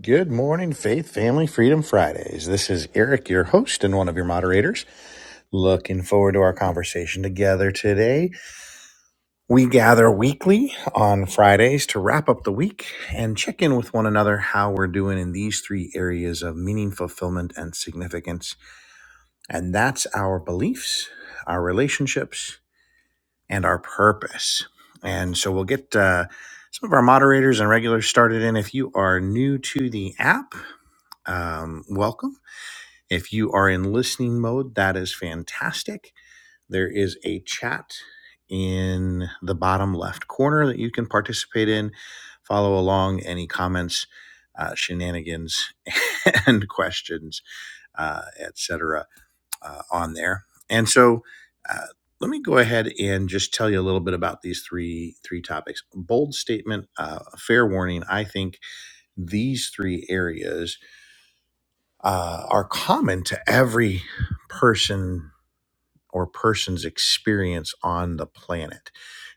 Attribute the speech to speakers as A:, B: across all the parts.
A: Good morning, Faith Family Freedom Fridays. This is Eric, your host and one of your moderators. Looking forward to our conversation together today. We gather weekly on Fridays to wrap up the week and check in with one another how we're doing in these three areas of meaning, fulfillment, and significance. And that's our beliefs, our relationships, and our purpose. And so we'll get uh, some of our moderators and regulars started in. If you are new to the app, um, welcome. If you are in listening mode, that is fantastic. There is a chat in the bottom left corner that you can participate in, follow along any comments, uh, shenanigans, and questions, uh, etc., uh, on there. And so, uh, let me go ahead and just tell you a little bit about these three three topics. Bold statement, uh, fair warning. I think these three areas uh, are common to every person or person's experience on the planet.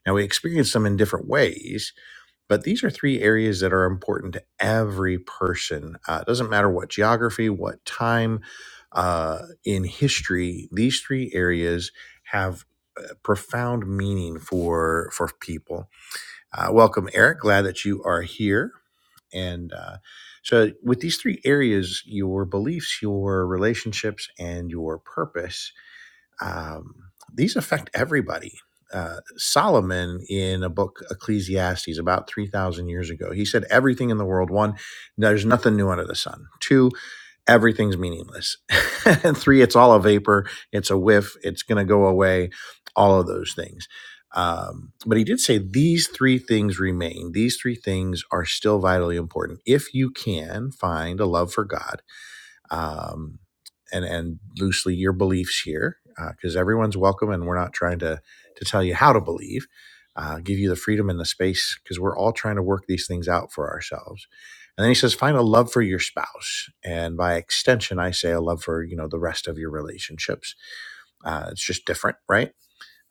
A: Now, we experience them in different ways, but these are three areas that are important to every person. Uh, it doesn't matter what geography, what time uh, in history, these three areas have uh, profound meaning for for people. Uh, welcome, Eric. Glad that you are here. And uh, so, with these three areas your beliefs, your relationships, and your purpose um, these affect everybody. Uh, Solomon, in a book, Ecclesiastes, about 3,000 years ago, he said, Everything in the world, one, there's nothing new under the sun. Two, everything's meaningless. And Three, it's all a vapor, it's a whiff, it's going to go away, all of those things. Um, but he did say these three things remain. These three things are still vitally important. If you can find a love for God, um, and and loosely your beliefs here, because uh, everyone's welcome, and we're not trying to to tell you how to believe. Uh, give you the freedom and the space because we're all trying to work these things out for ourselves. And then he says, find a love for your spouse, and by extension, I say a love for you know the rest of your relationships. Uh, it's just different, right?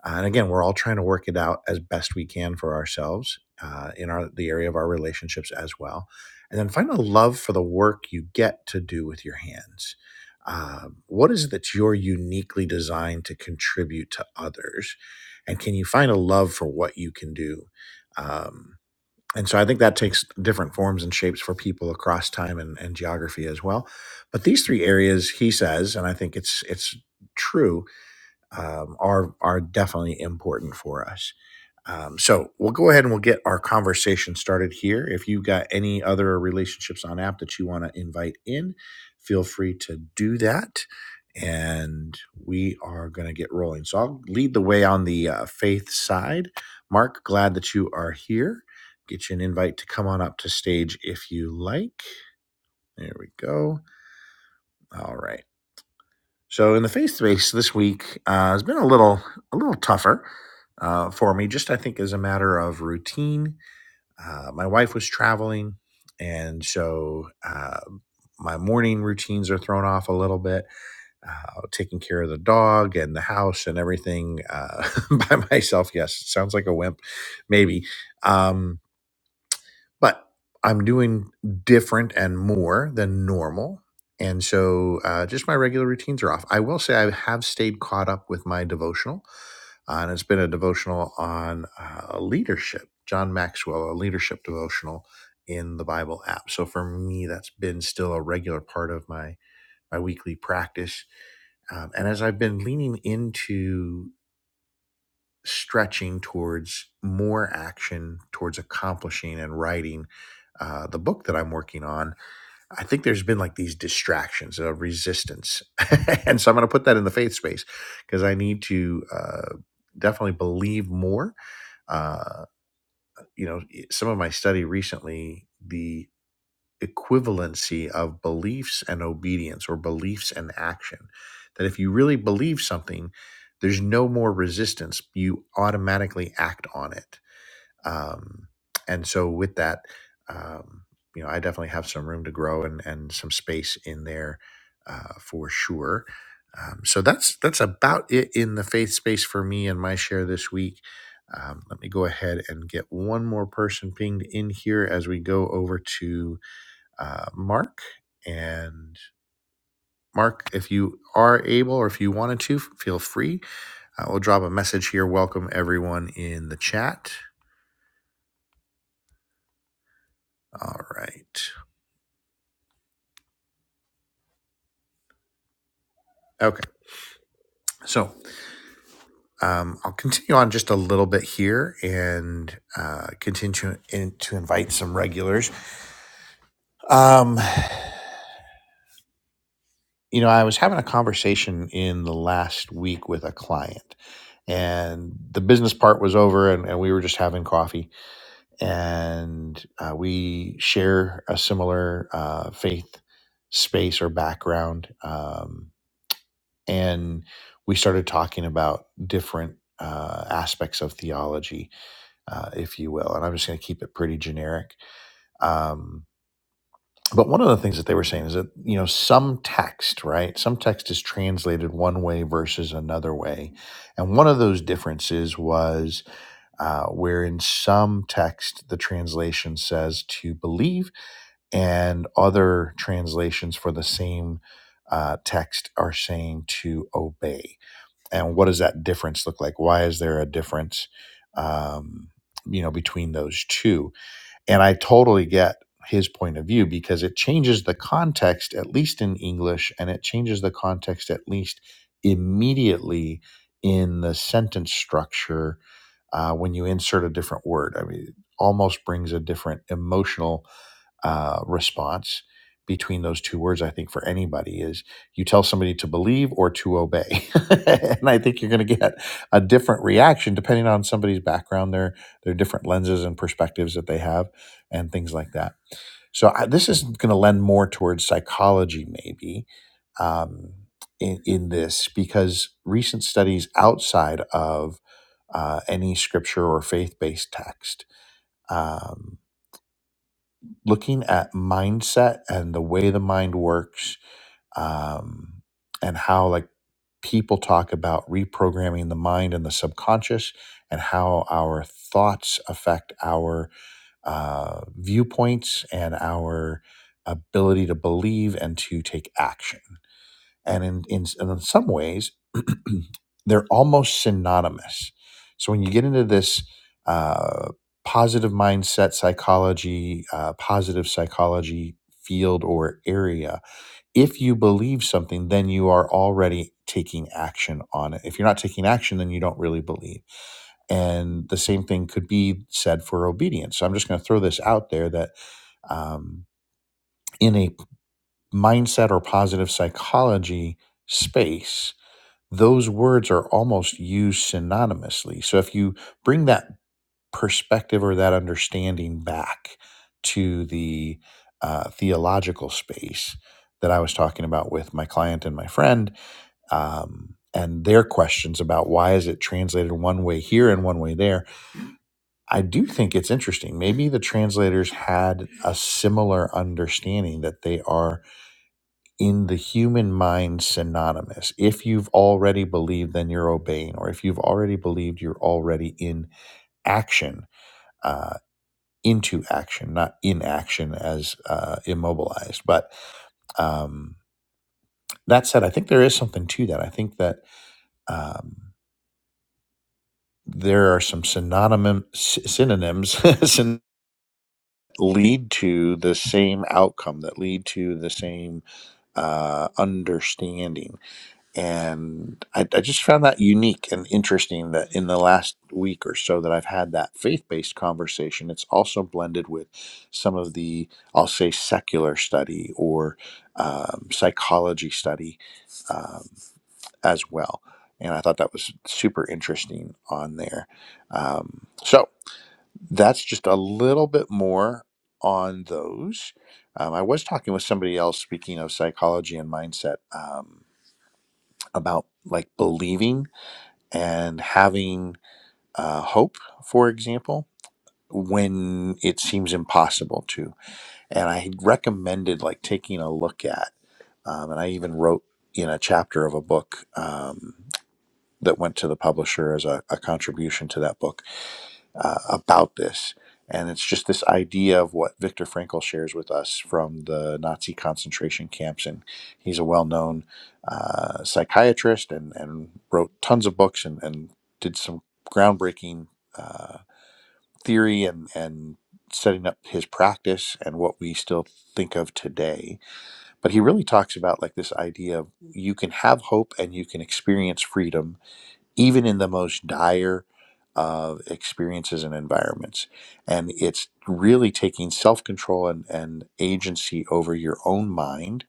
A: Uh, and again, we're all trying to work it out as best we can for ourselves uh, in our the area of our relationships as well. And then find a love for the work you get to do with your hands. Um, what is it that you're uniquely designed to contribute to others? And can you find a love for what you can do? Um, and so I think that takes different forms and shapes for people across time and, and geography as well. But these three areas, he says, and I think it's it's true, um, are are definitely important for us. Um, so we'll go ahead and we'll get our conversation started here. If you've got any other relationships on app that you want to invite in, feel free to do that. And we are going to get rolling. So I'll lead the way on the uh, faith side. Mark, glad that you are here. Get you an invite to come on up to stage if you like. There we go. All right. So in the face to face this week uh, has been a little a little tougher uh, for me. Just I think as a matter of routine, uh, my wife was traveling, and so uh, my morning routines are thrown off a little bit. Uh, taking care of the dog and the house and everything uh, by myself. Yes, it sounds like a wimp, maybe. Um, but I'm doing different and more than normal. And so uh, just my regular routines are off. I will say I have stayed caught up with my devotional, uh, and it's been a devotional on uh, leadership, John Maxwell, a leadership devotional in the Bible app. So for me, that's been still a regular part of my my weekly practice. Um, and as I've been leaning into stretching towards more action, towards accomplishing and writing uh, the book that I'm working on, I think there's been like these distractions of resistance. and so I'm going to put that in the faith space because I need to uh, definitely believe more. Uh, you know, some of my study recently, the equivalency of beliefs and obedience or beliefs and action. That if you really believe something, there's no more resistance. You automatically act on it. Um, and so, with that, um, you know, I definitely have some room to grow and, and some space in there uh, for sure. Um, so that's that's about it in the faith space for me and my share this week. Um, let me go ahead and get one more person pinged in here as we go over to uh, Mark. And Mark, if you are able or if you wanted to, feel free. Uh, we'll drop a message here. Welcome everyone in the chat. All right. Okay. So um, I'll continue on just a little bit here and uh, continue in, to invite some regulars. Um, you know, I was having a conversation in the last week with a client, and the business part was over, and, and we were just having coffee and uh, we share a similar uh, faith space or background. Um, and we started talking about different uh, aspects of theology, uh, if you will. And I'm just going to keep it pretty generic. Um, but one of the things that they were saying is that, you know, some text, right? Some text is translated one way versus another way. And one of those differences was uh, where in some text the translation says to believe, and other translations for the same uh, text are saying to obey. And what does that difference look like? Why is there a difference, um, you know, between those two? And I totally get his point of view because it changes the context, at least in English, and it changes the context, at least immediately, in the sentence structure uh, when you insert a different word. I mean, it almost brings a different emotional uh, response between those two words, I think, for anybody is you tell somebody to believe or to obey. and I think you're going to get a different reaction depending on somebody's background, their, their different lenses and perspectives that they have, and things like that. So I, this is going to lend more towards psychology, maybe, um, in, in this, because recent studies outside of uh, any scripture or faith based text. um, looking at mindset and the way the mind works um, and how like people talk about reprogramming the mind and the subconscious and how our thoughts affect our uh, viewpoints and our ability to believe and to take action and in, in, in some ways they're almost synonymous so when you get into this uh, positive mindset psychology uh, positive psychology field or area if you believe something then you are already taking action on it if you're not taking action then you don't really believe and the same thing could be said for obedience so i'm just going to throw this out there that um, in a mindset or positive psychology space those words are almost used synonymously. So if you bring that perspective or that understanding back to the uh, theological space that I was talking about with my client and my friend, um, and their questions about why is it translated one way here and one way there, I do think it's interesting. Maybe the translators had a similar understanding that they are in the human mind synonymous. If you've already believed, then you're obeying, or if you've already believed, you're already in action, uh, into action, not in action as uh, immobilized. But um, that said, I think there is something to that. I think that um, there are some synonym synonyms syn- lead to the same outcome that lead to the same uh, understanding and I, I just found that unique and interesting that in the last week or so that I've had that faith-based conversation, it's also blended with some of the I'll say secular study or um, psychology study um, as well. And I thought that was super interesting on there. Um, so that's just a little bit more on those. Um, I was talking with somebody else speaking of psychology and mindset. um, about like believing and having uh, hope, for example, when it seems impossible to. And I recommended like taking a look at, um, and I even wrote in a chapter of a book um, that went to the publisher as a, a contribution to that book uh, about this. And it's just this idea of what Viktor Frankl shares with us from the Nazi concentration camps. And he's a well known uh, psychiatrist and, and wrote tons of books and, and did some groundbreaking uh, theory and, and setting up his practice and what we still think of today. But he really talks about like this idea of you can have hope and you can experience freedom even in the most dire of experiences and environments. And it's really taking self control and, and agency over your own mind.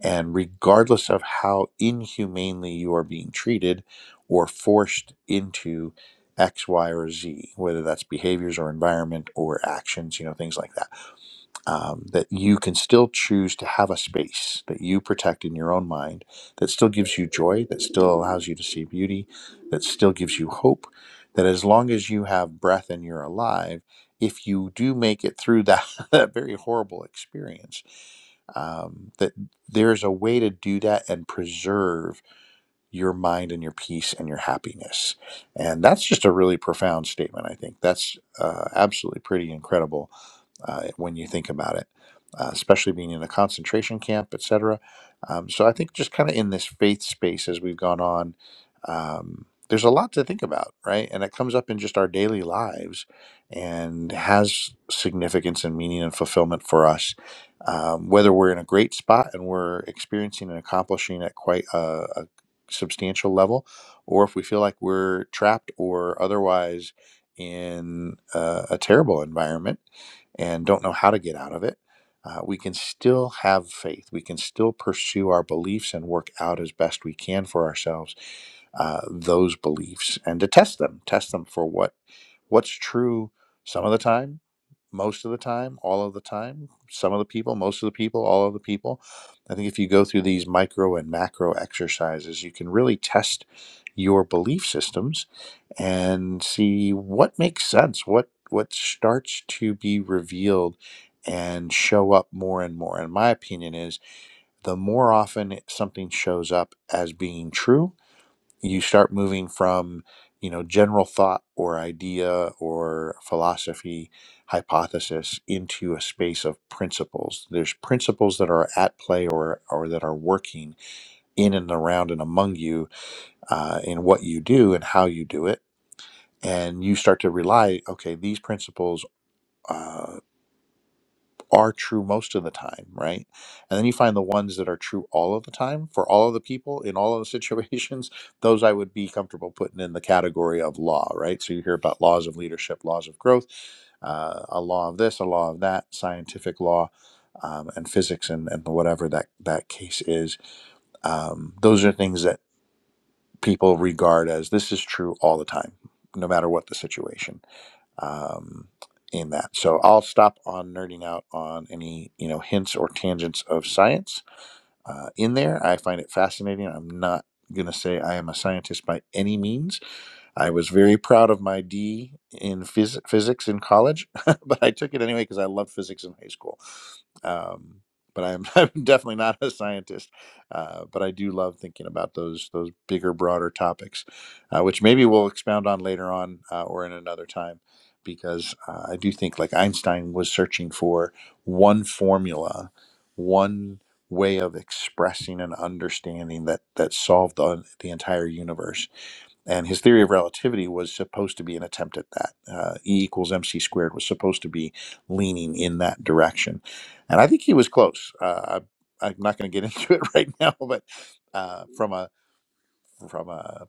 A: And regardless of how inhumanely you are being treated or forced into X, Y, or Z, whether that's behaviors or environment or actions, you know, things like that um, that you can still choose to have a space that you protect in your own mind that still gives you joy, that still allows you to see beauty, that still gives you hope. That as long as you have breath and you're alive, if you do make it through that, that very horrible experience, um, that there's a way to do that and preserve your mind and your peace and your happiness. And that's just a really profound statement, I think. That's uh, absolutely pretty incredible uh, when you think about it, uh, especially being in a concentration camp, etc. Um, so I think just kind of in this faith space as we've gone on, um, there's a lot to think about, right? And it comes up in just our daily lives and has significance and meaning and fulfillment for us, um, whether we're in a great spot and we're experiencing and accomplishing at quite a, a substantial level, or if we feel like we're trapped or otherwise in a, a terrible environment and don't know how to get out of it, uh, we can still have faith. We can still pursue our beliefs and work out as best we can for ourselves uh, those beliefs and to test them, test them for what what's true some of the time, most of the time, all of the time, some of the people, most of the people, all of the people. I think if you go through these micro and macro exercises, you can really test your belief systems and see what makes sense, what what starts to be revealed and show up more and more. And my opinion is the more often it- something shows up as being true, you start moving from, you know, general thought or idea or philosophy hypothesis into a space of principles. There's principles that are at play or or that are working in and around and among you uh, in what you do and how you do it and you start to rely okay these principles uh, are true most of the time right and then you find the ones that are true all of the time for all of the people in all of the situations those i would be comfortable putting in the category of law right so you hear about laws of leadership laws of growth uh, a law of this a law of that scientific law um, and physics and, and whatever that that case is um, those are things that people regard as this is true all the time no matter what the situation um, in that. So I'll stop on nerding out on any you know hints or tangents of science uh, in there. I find it fascinating. I'm not gonna say I am a scientist by any means, I was very proud of my D in phys- physics in college, but I took it anyway because I loved physics in high school. Um, but I'm, I'm definitely not a scientist, uh, but I do love thinking about those those bigger, broader topics, uh, which maybe we'll expound on later on uh, or in another time, because uh, I do think like Einstein was searching for one formula, one way of expressing an understanding that that solved the, the entire universe and his theory of relativity was supposed to be an attempt at that. Uh, e equals mc squared was supposed to be leaning in that direction, and I think he was close. Uh, I, I'm not going to get into it right now, but uh, from a from a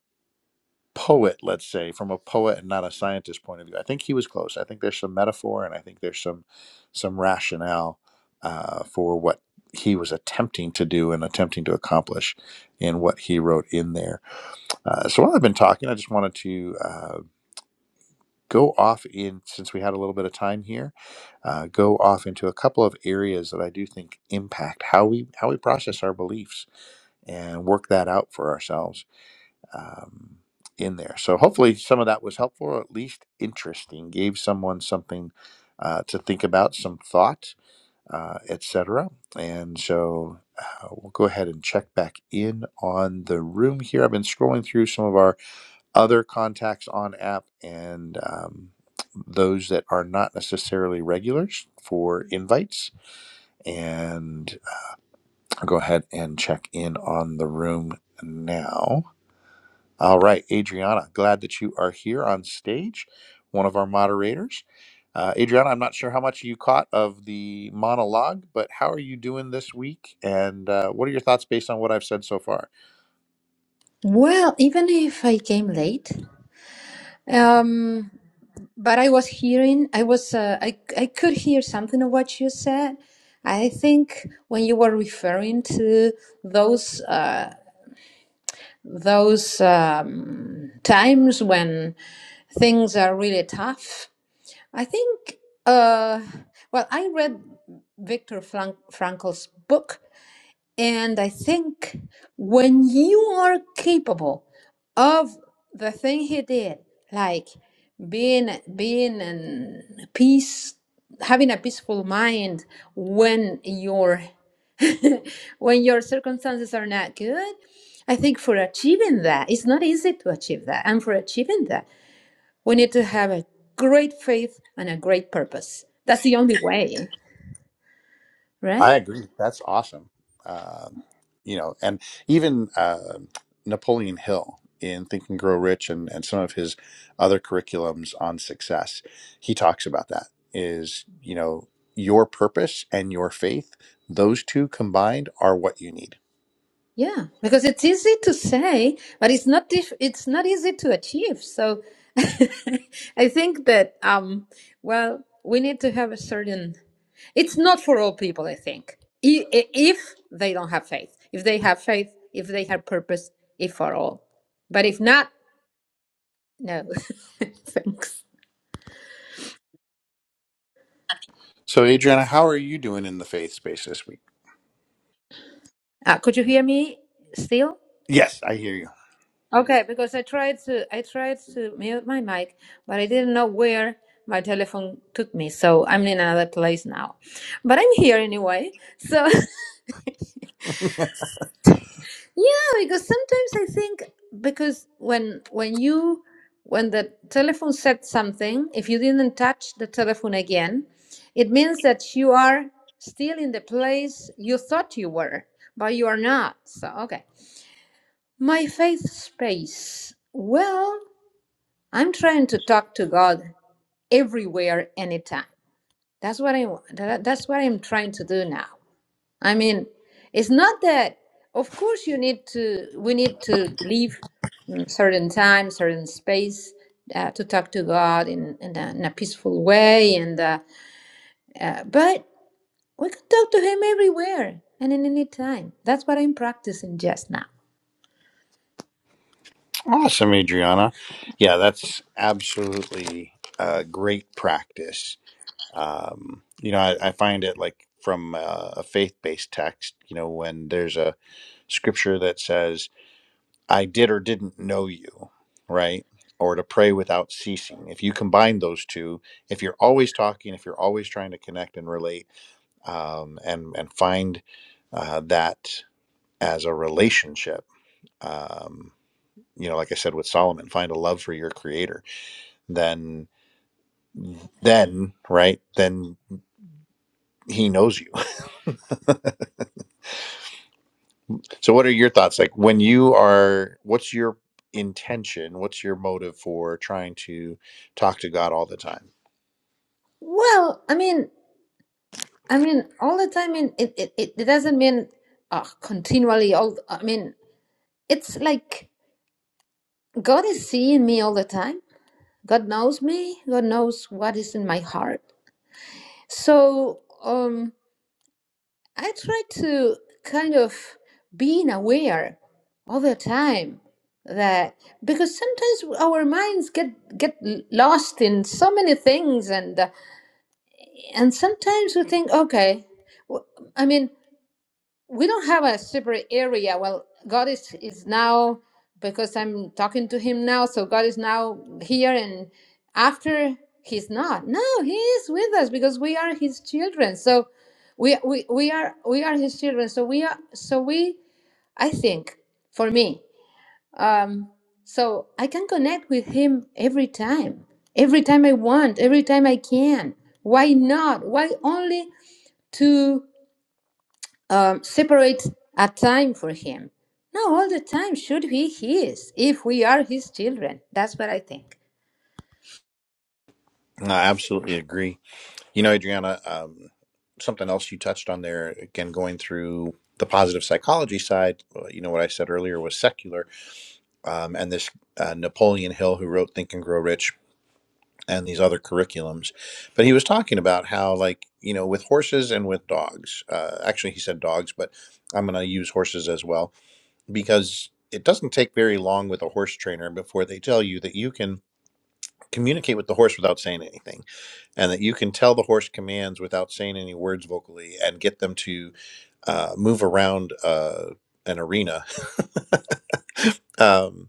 A: poet, let's say, from a poet and not a scientist point of view, I think he was close. I think there's some metaphor, and I think there's some some rationale uh, for what he was attempting to do and attempting to accomplish in what he wrote in there. Uh, so while I've been talking, I just wanted to. Uh, go off in since we had a little bit of time here uh, go off into a couple of areas that i do think impact how we how we process our beliefs and work that out for ourselves um, in there so hopefully some of that was helpful or at least interesting gave someone something uh, to think about some thought uh, etc and so uh, we'll go ahead and check back in on the room here i've been scrolling through some of our other contacts on app and um, those that are not necessarily regulars for invites. And I'll go ahead and check in on the room now. All right, Adriana, glad that you are here on stage, one of our moderators. Uh, Adriana, I'm not sure how much you caught of the monologue, but how are you doing this week? And uh, what are your thoughts based on what I've said so far?
B: Well, even if I came late, um, but I was hearing, I was, uh, I, I could hear something of what you said. I think when you were referring to those uh, those um, times when things are really tough, I think. Uh, well, I read Viktor Frank- Frankl's book, and I think when you are capable of the thing he did, like being being in peace, having a peaceful mind when your when your circumstances are not good, I think for achieving that, it's not easy to achieve that. And for achieving that, we need to have a great faith and a great purpose. That's the only way,
A: I
B: right?
A: agree. That's awesome. Um, you know, and even uh, Napoleon Hill in Think and Grow Rich and, and some of his other curriculums on success, he talks about that is, you know, your purpose and your faith, those two combined are what you need.
B: Yeah, because it's easy to say, but it's not dif- it's not easy to achieve. So I think that um well, we need to have a certain it's not for all people, I think. I- i- If they don't have faith, if they have faith, if they have purpose, if for all. But if not, no. Thanks.
A: So, Adriana, how are you doing in the faith space this week?
B: Uh, could you hear me still?
A: Yes, I hear you.
B: Okay, because I tried to I tried to mute my mic, but I didn't know where my telephone took me, so I'm in another place now. But I'm here anyway. So yeah, because sometimes I think because when when you when the telephone said something, if you didn't touch the telephone again, it means that you are still in the place you thought you were, but you are not. So okay. My faith space. Well, I'm trying to talk to God everywhere anytime that's what i want that- that's what i'm trying to do now i mean it's not that of course you need to we need to leave mm, certain time certain space uh, to talk to god in in a, in a peaceful way and uh, uh, but we can talk to him everywhere and in any time that's what i'm practicing just now
A: Awesome, Adriana. Yeah, that's absolutely uh, great practice um, you know I, I find it like from uh, a faith-based text you know when there's a scripture that says i did or didn't know you right or to pray without ceasing if you combine those two if you're always talking if you're always trying to connect and relate um, and and find uh, that as a relationship um, you know like i said with solomon find a love for your creator then then right then he knows you So, what are your thoughts? Like, when you are, what's your intention? What's your motive for trying to talk to God all the time?
B: well i mean i mean all the time in it, it, it it doesn't mean uh, continually all i mean it's like God is seeing me all the time. God knows me. God knows what is in my heart. So um, I try to kind of being aware all the time that because sometimes our minds get get lost in so many things and uh, and sometimes we think okay w- i mean we don't have a separate area. Well, God is is now because I'm talking to Him now, so God is now here, and after He's not. No, He is with us because we are His children. So we we we are we are His children. So we are so we. I think for me, um, so I can connect with Him every time, every time I want, every time I can. Why not? Why only to? um, separate a time for him. No, all the time should be his if we are his children. That's what I think.
A: I absolutely agree. You know, Adriana, um, something else you touched on there, again, going through the positive psychology side, uh, you know, what I said earlier was secular, um, and this uh, Napoleon Hill, who wrote Think and Grow Rich and these other curriculums. But he was talking about how, like, you know, with horses and with dogs, uh, actually, he said dogs, but I'm going to use horses as well because it doesn't take very long with a horse trainer before they tell you that you can communicate with the horse without saying anything and that you can tell the horse commands without saying any words vocally and get them to uh, move around uh, an arena um,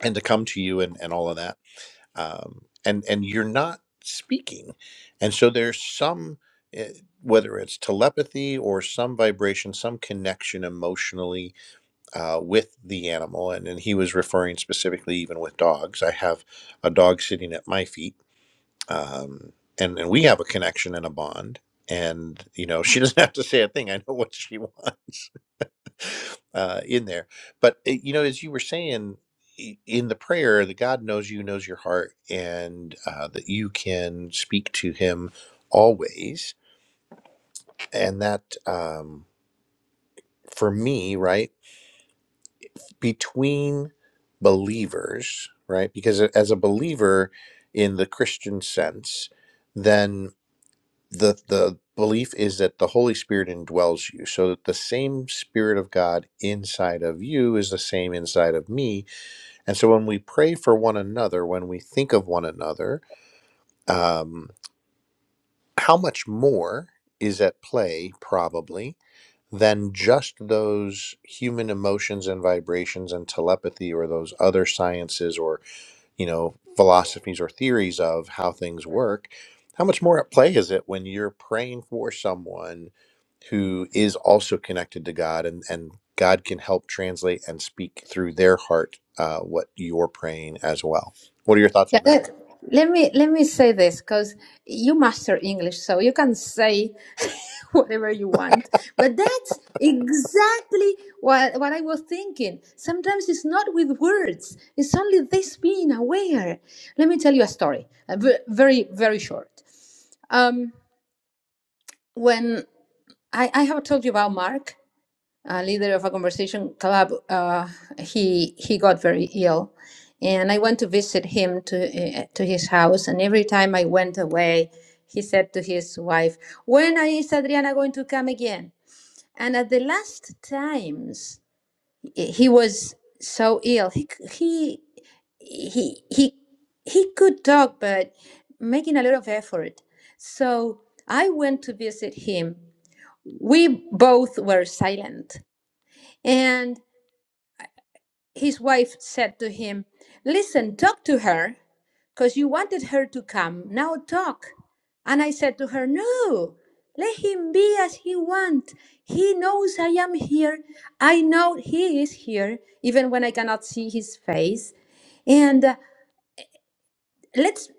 A: and to come to you and, and all of that um, and and you're not speaking and so there's some eh, whether it's telepathy or some vibration some connection emotionally uh, with the animal, and, and he was referring specifically even with dogs. I have a dog sitting at my feet, um, and and we have a connection and a bond. And you know, she doesn't have to say a thing. I know what she wants uh, in there. But eh, you know, as you were saying i- in the prayer, that God knows you, knows your heart, and uh, that you can speak to Him always, and that. Um, for me, right? between believers, right? Because a- as a believer in the Christian sense, then the the belief is that the Holy Spirit indwells you. So that the same Spirit of God inside of you is the same inside of me. And so when we pray for one another, when we think of one another, um, how much more is at play, probably, than just those human emotions and vibrations and telepathy or those other sciences or you know philosophies or theories of how things work how much more at play is it when you're praying for someone who is also connected to god and and god can help translate and speak through their heart uh, what you're praying as well what are your thoughts
B: Yeah.
A: on that
B: Let, let me let me say this because you master English, so you can say whatever you want. But that's exactly what, what I was thinking. Sometimes it's not with words, it's only this being aware. Let me tell you a story, a ve- very, very short. Um, when I, I have told you about Mark, A leader of a conversation club, uh, he he got very ill, and I went to visit him to uh, to his house. And every time I went away, he said to his wife, "When is Adriana going to come again?" And at the last times, he he was so ill. He c- he he he he could talk, but making a lot of effort. So I went to visit him. We both were silent. and. His wife said to him, Listen, talk to her, because you wanted her to come. Now talk. And I said to her, No, let him be as he wants. He knows I am here. I know he is here, even when I cannot see his face. And uh, let's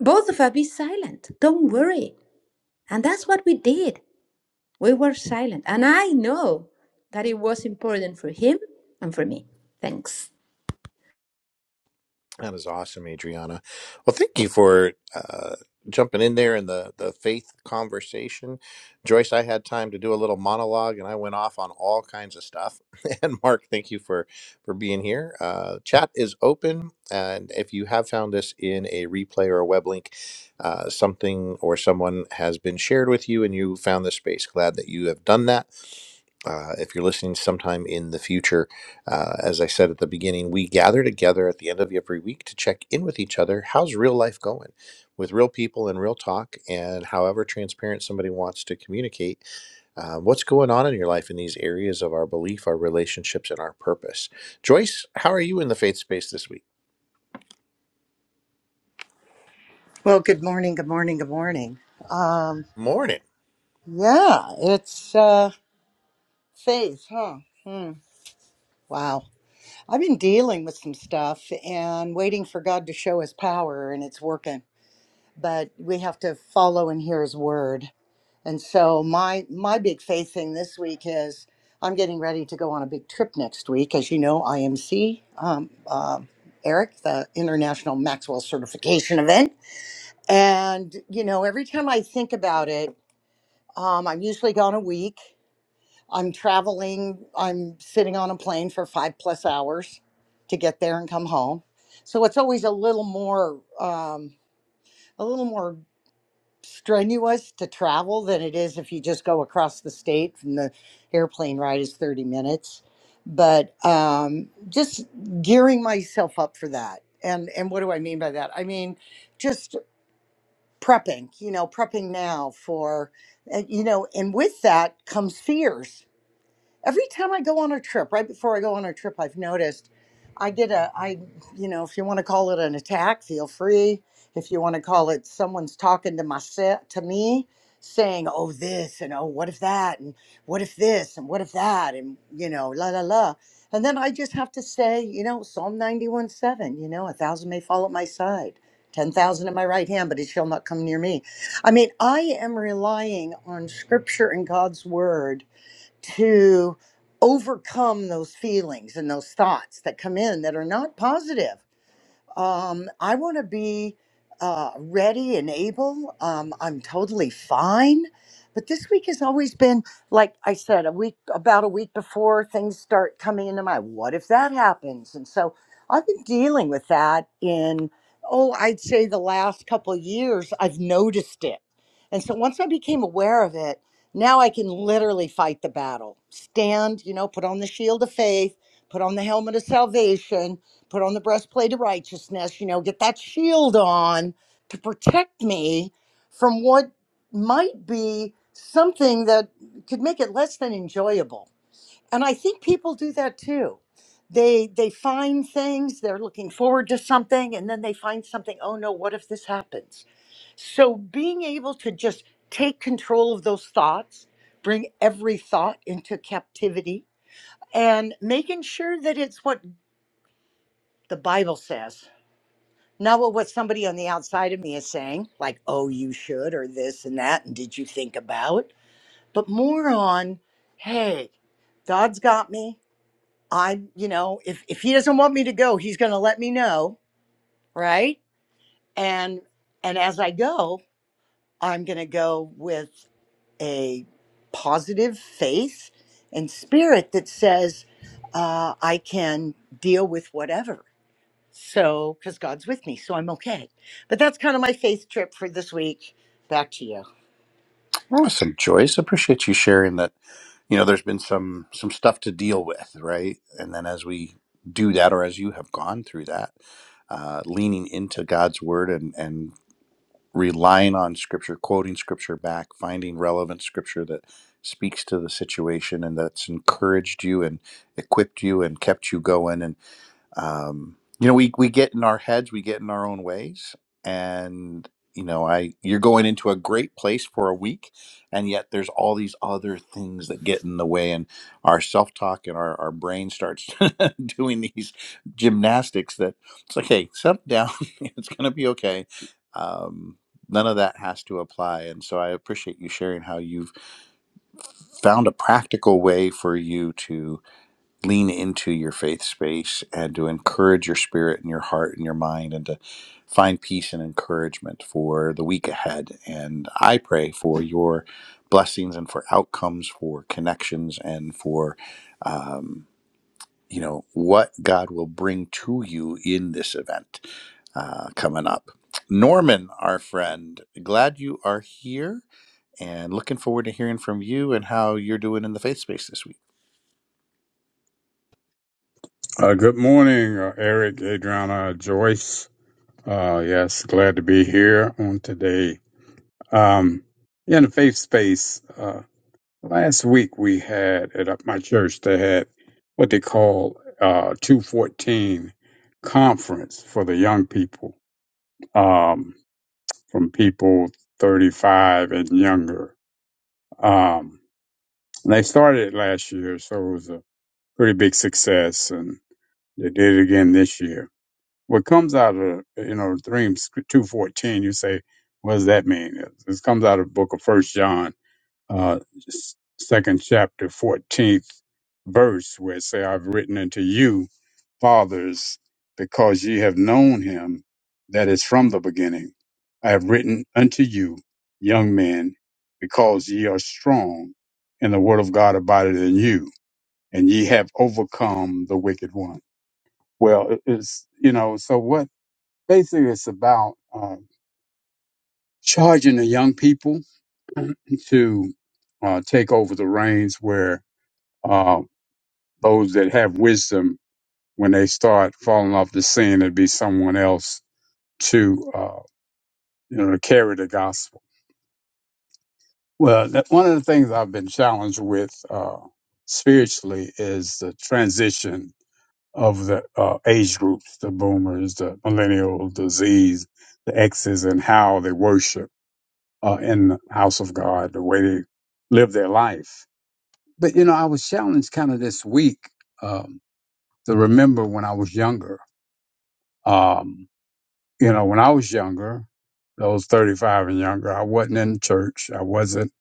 B: both of us be silent. Don't worry. And that's what we did. We were silent. And I know that it was important for him and for me. Thanks.
A: That is awesome, Adriana. Well, thank you for uh, jumping in there in the, the faith conversation. Joyce, I had time to do a little monologue and I went off on all kinds of stuff. and Mark, thank you for, for being here. Uh, chat is open. And if you have found this in a replay or a web link, uh, something or someone has been shared with you and you found this space, glad that you have done that. Uh, if you're listening sometime in the future, uh, as I said at the beginning, we gather together at the end of every week to check in with each other. How's real life going with real people and real talk, and however transparent somebody wants to communicate? Uh, what's going on in your life in these areas of our belief, our relationships, and our purpose? Joyce, how are you in the faith space this week?
C: Well, good morning, good morning, good morning. Um,
A: Morning.
C: yeah, it's uh, faith, huh? Hmm. Wow. I've been dealing with some stuff and waiting for God to show his power, and it's working. But we have to follow and hear his word. And so my my big faith thing this week is I'm getting ready to go on a big trip next week. As you know, IMC, um, um uh, Eric, the International Maxwell Certification Event. And, you know, every time I think about it, Um, I'm usually gone a week. I'm traveling. I'm sitting on a plane for five plus hours to get there and come home. So it's always a little more, um, a little more strenuous to travel than it is if you just go across the state. From the airplane ride is 30 minutes, but um, just gearing myself up for that. And and what do I mean by that? I mean just prepping you know prepping now for and, you know and with that comes fears every time I go on a trip, right before I go on a trip, I've noticed I get a, I, you know, if you want to call it an attack, feel free. If you want to call it someone's talking to my set to me, saying, "Oh this," and "Oh what if that," and "What if this," and "What if that," and you know, la la la. And then I just have to say, you know, Psalm ninety-one seven. You know, a thousand may fall at my side. 10,000 at my right hand, but it shall not come near me. I mean, I am relying on scripture and God's word to overcome those feelings and those thoughts that come in that are not positive um, I want to be uh, ready and able. Um, I'm totally fine. But this week has always been, like I said, a week, about a week before things start coming into my what if that happens? And so I've been dealing with that in, oh, I'd say the last couple of years, I've noticed it. And so once I became aware of it, now I can literally fight the battle. Stand, you know, put on the shield of faith, put on the helmet of salvation, put on the breastplate of righteousness, you know, get that shield on to protect me from what might be something that could make it less than enjoyable. And I think people do that too. They they find things, they're looking forward to something and then they find something, oh no, what if this happens? So being able to just take control of those thoughts, bring every thought into captivity and making sure that it's what the Bible says not what what somebody on the outside of me is saying, like, oh, you should, or this and that, and did you think about? But more on, hey, God's got me. I'm, you know, if, if he doesn't want me to go, he's gonna let me know, right? And and as I go, I'm gonna go with a positive faith and spirit that says, uh, I can deal with whatever So, because God's with me, so I'm okay. But that's kind of my faith trip for this week. Back to you.
A: Awesome, Joyce. Appreciate you sharing that. You know, there's been some some stuff to deal with, right? And then as we do that, or as you have gone through that, uh, leaning into God's word and and relying on scripture, quoting scripture back, finding relevant scripture that speaks to the situation and that's encouraged you and equipped you and kept you going and um, you know, we we get in our heads, we get in our own ways, and you know, I you're going into a great place for a week, and yet there's all these other things that get in the way, and our self talk and our our brain starts doing these gymnastics that it's like, hey, settle down, it's gonna be okay. Um, none of that has to apply, and so I appreciate you sharing how you've found a practical way for you to lean into your faith space and to encourage your spirit and your heart and your mind and to find peace and encouragement for the week ahead. And I pray for your blessings and for outcomes, for connections, and for, um, you know, what God will bring to you in this event uh, coming up. Norman, our friend, glad you are here and looking forward to hearing from you and how you're doing in the faith space this week.
D: Uh, good morning, uh, Eric, Adriana, Joyce. Uh, yes, glad to be here on today. Um, in the faith space, uh, last week we had at uh, my church, they had what they call uh, 214 conference for the young people, um, from people 35 and younger. Um, and they started it last year, so it was a pretty big success, and they did it again this year. what comes out of you know three two fourteen, you say, what does that mean? It, it comes out of the book of First John, uh, s- second chapter, fourteenth verse, where it say, "I've written unto you, fathers, because ye have known him that is from the beginning. I have written unto you, young men, because ye are strong, and the word of God abideth in you, and ye have overcome the wicked one." Well, it- it's you know, so what? Basically, it's about um, charging the young people to uh, take over the reins where uh, those that have wisdom, when they start falling off the scene, it'd be someone else to, uh, you know, to carry the gospel. Well, that, one of the things I've been challenged with uh, spiritually is the transition of the uh, age groups, the boomers, the millennials, the Zs, the Xs, and how they worship uh, in the house of God, the way they live their life. But you know, I was challenged kind of this week um, to remember when I was younger. Um, you know, when I was younger, those thirty-five and younger, I wasn't in church. I wasn't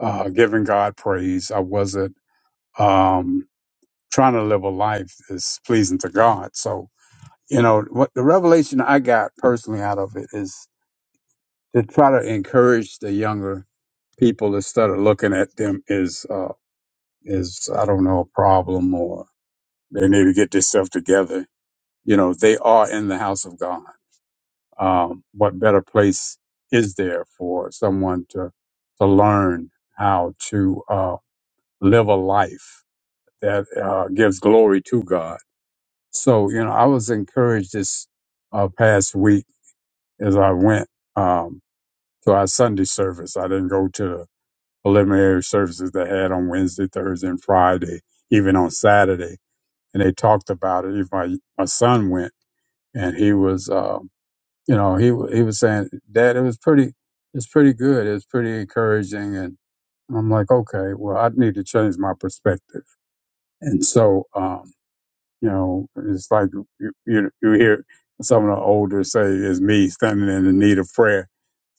D: uh, giving God praise. I wasn't um, trying to live a life that's pleasing to God. So you know, what the revelation I got personally out of it is to try to encourage the younger people instead of looking at them is. is I don't know a problem or they need to get themselves together. You know, they are in the house of God. Um, what better place is there for someone to to learn how to uh, live a life that uh, gives glory to God? So you know, I was encouraged this uh, past week as I went um, to our Sunday service. I didn't go to the preliminary services they had on Wednesday, Thursday, and Friday, even on Saturday and they talked about it. Even my my son went, and he was, uh, you know, he wa- he was saying, "Dad, it was pretty, it's pretty good. It's pretty encouraging." And I'm like, "Okay, well, I need to change my perspective." And so, um, you know, it's like you you, you hear some of the older say, "It's me standing in the need of prayer?"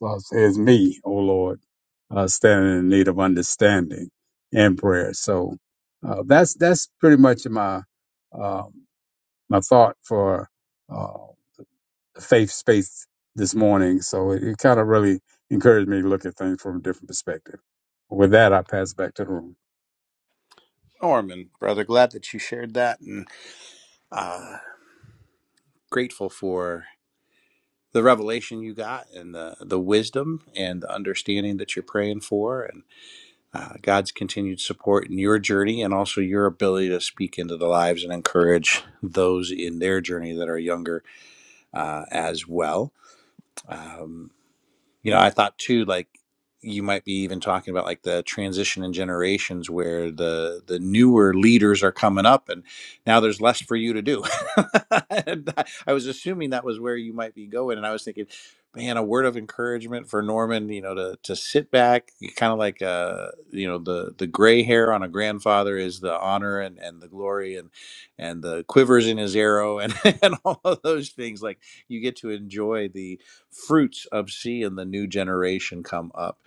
D: So I say, "It's me, oh Lord, uh, standing in need of understanding and prayer." So uh, that's that's pretty much my. um, my thought for uh, the faith space this morning. So it, it kind of really encouraged me to look at things from a different perspective. With that, I pass back to the room.
A: Norman, brother, glad that you shared that, and uh, grateful for the revelation you got, and the the wisdom and the understanding that you're praying for, and uh, God's continued support in your journey, and also your ability to speak into the lives and encourage those in their journey that are younger uh, as well. Um, You know, I thought too, like you might be even talking about like the transition in generations where the the newer leaders are coming up and now there's less for you to do. And I I was assuming that was where you might be going. And I was thinking, man, a word of encouragement for Norman, you know, to to sit back, kind of like uh, you know, the the gray hair on a grandfather is the honor and, and the glory and and the quivers in his arrow and, and all of those things. Like you get to enjoy the fruits of seeing the new generation come up.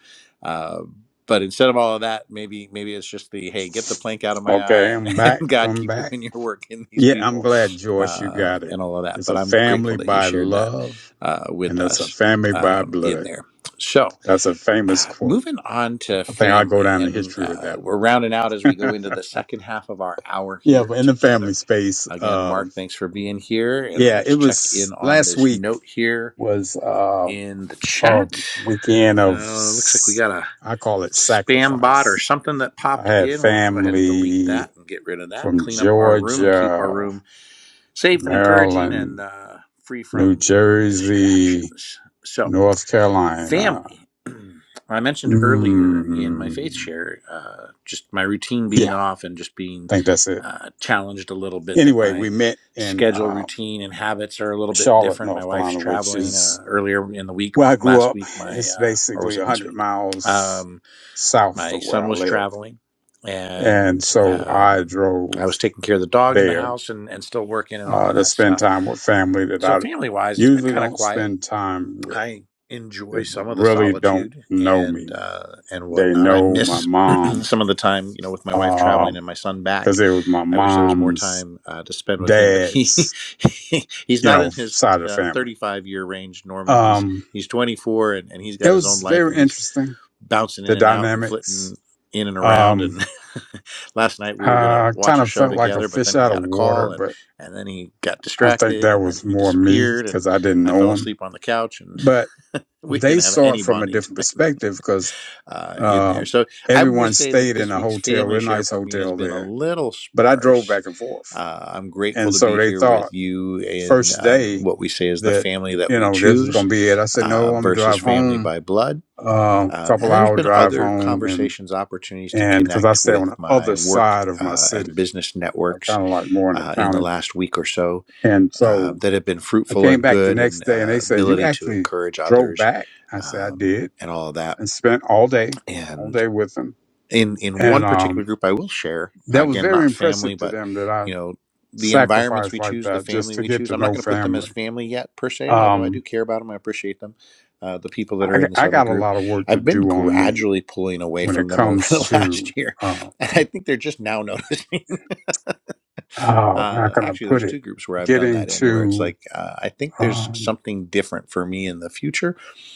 A: Uh, but instead of all of that, maybe maybe it's just the hey, get the plank out of my eye,
D: Okay,
A: and,
D: I'm back.
A: and God
D: I'm
A: keep
D: back.
A: doing your work in these
D: Yeah, I'm
A: people,
D: glad, Joyce, you
A: uh,
D: got it.
A: and all of that.
D: It's
A: But
D: a
A: I'm grateful
D: family
A: that you
D: by
A: shared that
D: love,
A: uh, with
D: and it's a
A: us
D: family by
A: um, in
D: blood.
A: there. So,
D: That's a famous
A: uh,
D: quote.
A: moving on to
D: I think I'll go
A: family,
D: down in
A: and
D: history with
A: uh,
D: that
A: we're rounding out as we
D: one.
A: go into the second half of our hour
D: yeah,
A: here
D: but in the family
A: together.
D: space,
A: Again,
D: um,
A: Mark, thanks for being here, and let me
D: yeah, it
A: just check in
D: was
A: on
D: last
A: this
D: week
A: note here
D: was. uh,
A: in the chat.
D: um, weekend of
A: Uh, looks like we
D: s-
A: got a
D: I call it
A: spam bot or
D: sacrifice.
A: something that
D: I
A: popped
D: had
A: in. We'll go ahead and delete
D: family
A: that and get rid of that.
D: from
A: Clean up our room and keep our
D: Georgia,
A: room safe and encouraging and
D: Maryland,
A: uh, free
D: New
A: from
D: Jersey,
A: distractions. So
D: North Carolina.
A: family. I mentioned earlier in my faith
D: Mm,
A: share, uh, just my routine being
D: yeah, I
A: off and just being
D: think that's it.
A: uh, challenged a little bit that
D: Anyway, we
A: my
D: met in
A: schedule,
D: um,
A: routine, and habits are a little bit
D: Charlotte,
A: different. My
D: North
A: wife's
D: Carolina, which
A: traveling
D: is
A: uh, earlier in the week,
D: where I grew
A: last
D: up.
A: week, my,
D: It's
A: uh, or was
D: basically
A: it this
D: 100
A: week?
D: miles
A: Um,
D: south
A: my
D: of where
A: son
D: I
A: was
D: live.
A: traveling
D: And
A: and
D: so I
A: um,
D: drove
A: I was taking care of the dog in the
D: there
A: house and, and still working and all
D: uh,
A: of
D: to
A: that
D: spend
A: stuff.
D: time with family that
A: So,
D: I
A: family wise, it's been
D: usually
A: kind of
D: don't
A: quiet
D: spend time with.
A: I
D: They
A: enjoy some of the
D: really don't
A: solitude
D: know
A: and
D: me.
A: uh, and
D: They
A: whatnot. I
D: know my
A: miss
D: mom,
A: some of the time, you know, with my wife traveling
D: um,
A: and my son back.
D: cause it was my
A: I wish there was more
D: mom's
A: time uh, to spend with him, but he,
D: dad's,
A: he he's
D: you
A: not in
D: know,
A: his
D: side of the
A: uh,
D: family.
A: 35 year range, Norman. He's
D: Um,
A: he's 24 and, and he's
D: it
A: got his own
D: was
A: life
D: very
A: and he's
D: interesting,
A: bouncing in
D: the
A: and out and
D: dynamics.
A: flitting in and around
D: Um,
A: and last night we were going to
D: I
A: watch
D: kind
A: a
D: of
A: show
D: felt like a
A: together but
D: fish
A: then he
D: out of
A: got a call
D: water,
A: and
D: but
A: and then he got
D: I think
A: distracted
D: that
A: and then
D: was
A: he
D: more me
A: disappeared and
D: cause I didn't
A: i fell
D: know him,
A: asleep on the couch and
D: but
A: we
D: they
A: didn't have
D: saw
A: any
D: it from a
A: bonding
D: different
A: time
D: perspective 'cause
A: uh, in there
D: Um,
A: so i'm going to
D: everyone
A: say that
D: stayed in
A: this
D: a
A: week's
D: hotel,
A: family
D: real
A: share
D: nice
A: for me has
D: hotel
A: been a
D: there.
A: little
D: But I drove
A: sparse
D: back and forth,
A: uh, i'm grateful
D: and
A: to
D: so
A: be
D: they
A: here
D: thought
A: with you and
D: first
A: uh,
D: day
A: what we say is the
D: that
A: family that
D: you
A: we
D: know this was
A: choose
D: going to be it. I said
A: uh,
D: no, I'm gonna
A: versus
D: drive
A: family
D: home,
A: by blood
D: uh,
A: um, and
D: couple
A: there's
D: hour
A: been
D: drive
A: other
D: home, and
A: conversations, opportunities to
D: and because I
A: connect
D: stay on
A: with
D: the
A: my
D: other
A: work
D: side of my
A: uh, and
D: city,
A: business
D: I
A: networks
D: kind of like more in the
A: uh, in the
D: county,
A: last week or so
D: and
A: uh,
D: so
A: that have been
D: I
A: fruitful
D: came
A: and
D: back the
A: good, and
D: next day, and
A: uh,
D: they said you
A: ability to
D: actually
A: encourage
D: drove
A: others
D: back. I said I
A: um,
D: did,
A: and all of that
D: and spent all day, all day with them,
A: in in one
D: and
A: particular
D: um,
A: group i will share
D: that was
A: again
D: very
A: not family
D: impressive to
A: but
D: them that I
A: you know the environments
D: sacrifice
A: we
D: like
A: choose the
D: that just
A: family
D: to
A: we
D: get
A: choose
D: to
A: i'm not
D: know
A: going to put them as
D: family.
A: family yet per se although i do
D: Um,
A: care about them i appreciate them uh, the people that
D: I,
A: are
D: g-
A: in this
D: I
A: other
D: got a
A: group
D: lot of work to
A: i've been
D: do on me
A: gradually pulling away
D: when it
A: from them over
D: comes
A: the
D: to
A: last year
D: uh,
A: and i think they're just now noticing
D: how how
A: uh,
D: can I
A: actually
D: put
A: there's
D: it?
A: two groups where i've done
D: Getting
A: that in where it's
D: to
A: like uh, i think there's
D: um,
A: something different for me in the future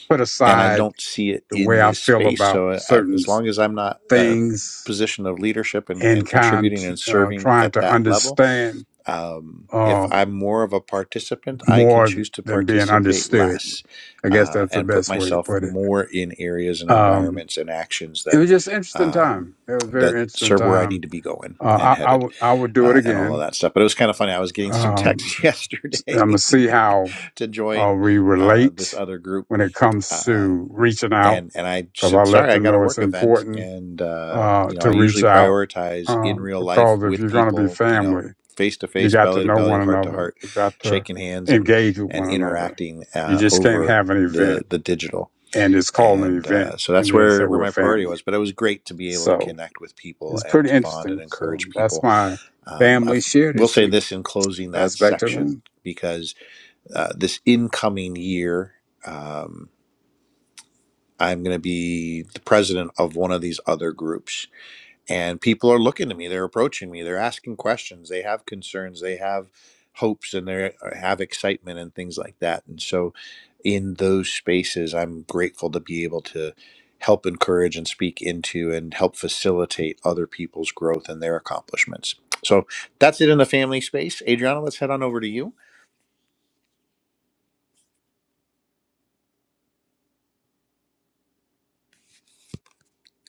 D: put
A: and I
D: aside
A: don't see it
D: the
A: in
D: way I
A: this
D: feel
A: space.
D: about
A: So uh, uh,
D: certain
A: as
D: s-
A: long as I'm not a
D: things
A: position of leadership and,
D: and
A: and
D: kind
A: contributing
D: to,
A: and
D: uh,
A: serving
D: trying
A: at
D: to
A: that level,
D: understand
A: um, if
D: um,
A: I'm more of a participant, I can
D: more
A: choose to
D: than being
A: participate
D: understood.
A: less
D: I guess
A: uh,
D: that's the
A: and put
D: best way to
A: myself
D: put it.
A: more in areas and
D: Um,
A: environments and actions
D: it
A: that
D: was just an interesting
A: um,
D: time. It was a
A: that
D: very interesting
A: serve where I
D: time
A: need to be going and
D: Uh, I, I
A: headed
D: would I would do it
A: uh, and all of
D: again.
A: that stuff. But it was kind of funny. I was getting some
D: Um,
A: texts
D: I'm gonna
A: yesterday
D: see how
A: to
D: uh,
A: join
D: we
A: uh, this
D: relate
A: other group
D: when it comes to
A: um,
D: reaching out
A: and and I
D: because I
A: said,
D: let
A: sorry, I
D: them
A: got a
D: know it's
A: work event,
D: important
A: and uh,
D: uh,
A: you know,
D: to
A: I
D: reach
A: usually
D: out
A: prioritize in
D: um,
A: real life
D: because if
A: with
D: you're gonna be
A: people, you know,
D: family,
A: face to
D: you
A: face,
D: got to
A: belly to
D: know
A: belly,
D: one
A: heart to
D: another.
A: heart,
D: You got to
A: shaking hands and
D: engage with
A: and
D: one another.
A: interacting
D: You
A: uh,
D: just can't
A: over
D: have an
A: the
D: event
A: the digital.
D: and it's called an
A: And
D: event
A: uh, so
D: and
A: that's
D: then
A: where
D: say
A: where
D: we're
A: my priority
D: family.
A: was. But it was great to be able to
D: So
A: connect with people
D: it's
A: and
D: pretty
A: to bond and
D: interesting. So
A: encourage
D: that's
A: people.
D: my
A: Um, I
D: family share
A: will
D: this
A: say
D: week.
A: this in closing that
D: That's back to the
A: section
D: room.
A: because uh, this incoming year. Um, I'm going to be the president of one of these other groups. And people are looking to me, they're approaching me, they're asking questions, they have concerns, they have hopes, and they have excitement and things like that. And so, in those spaces, I'm grateful to be able to help encourage and speak into and help facilitate other people's growth and their accomplishments. So, that's it in the family space. Adriana, let's head on over to you.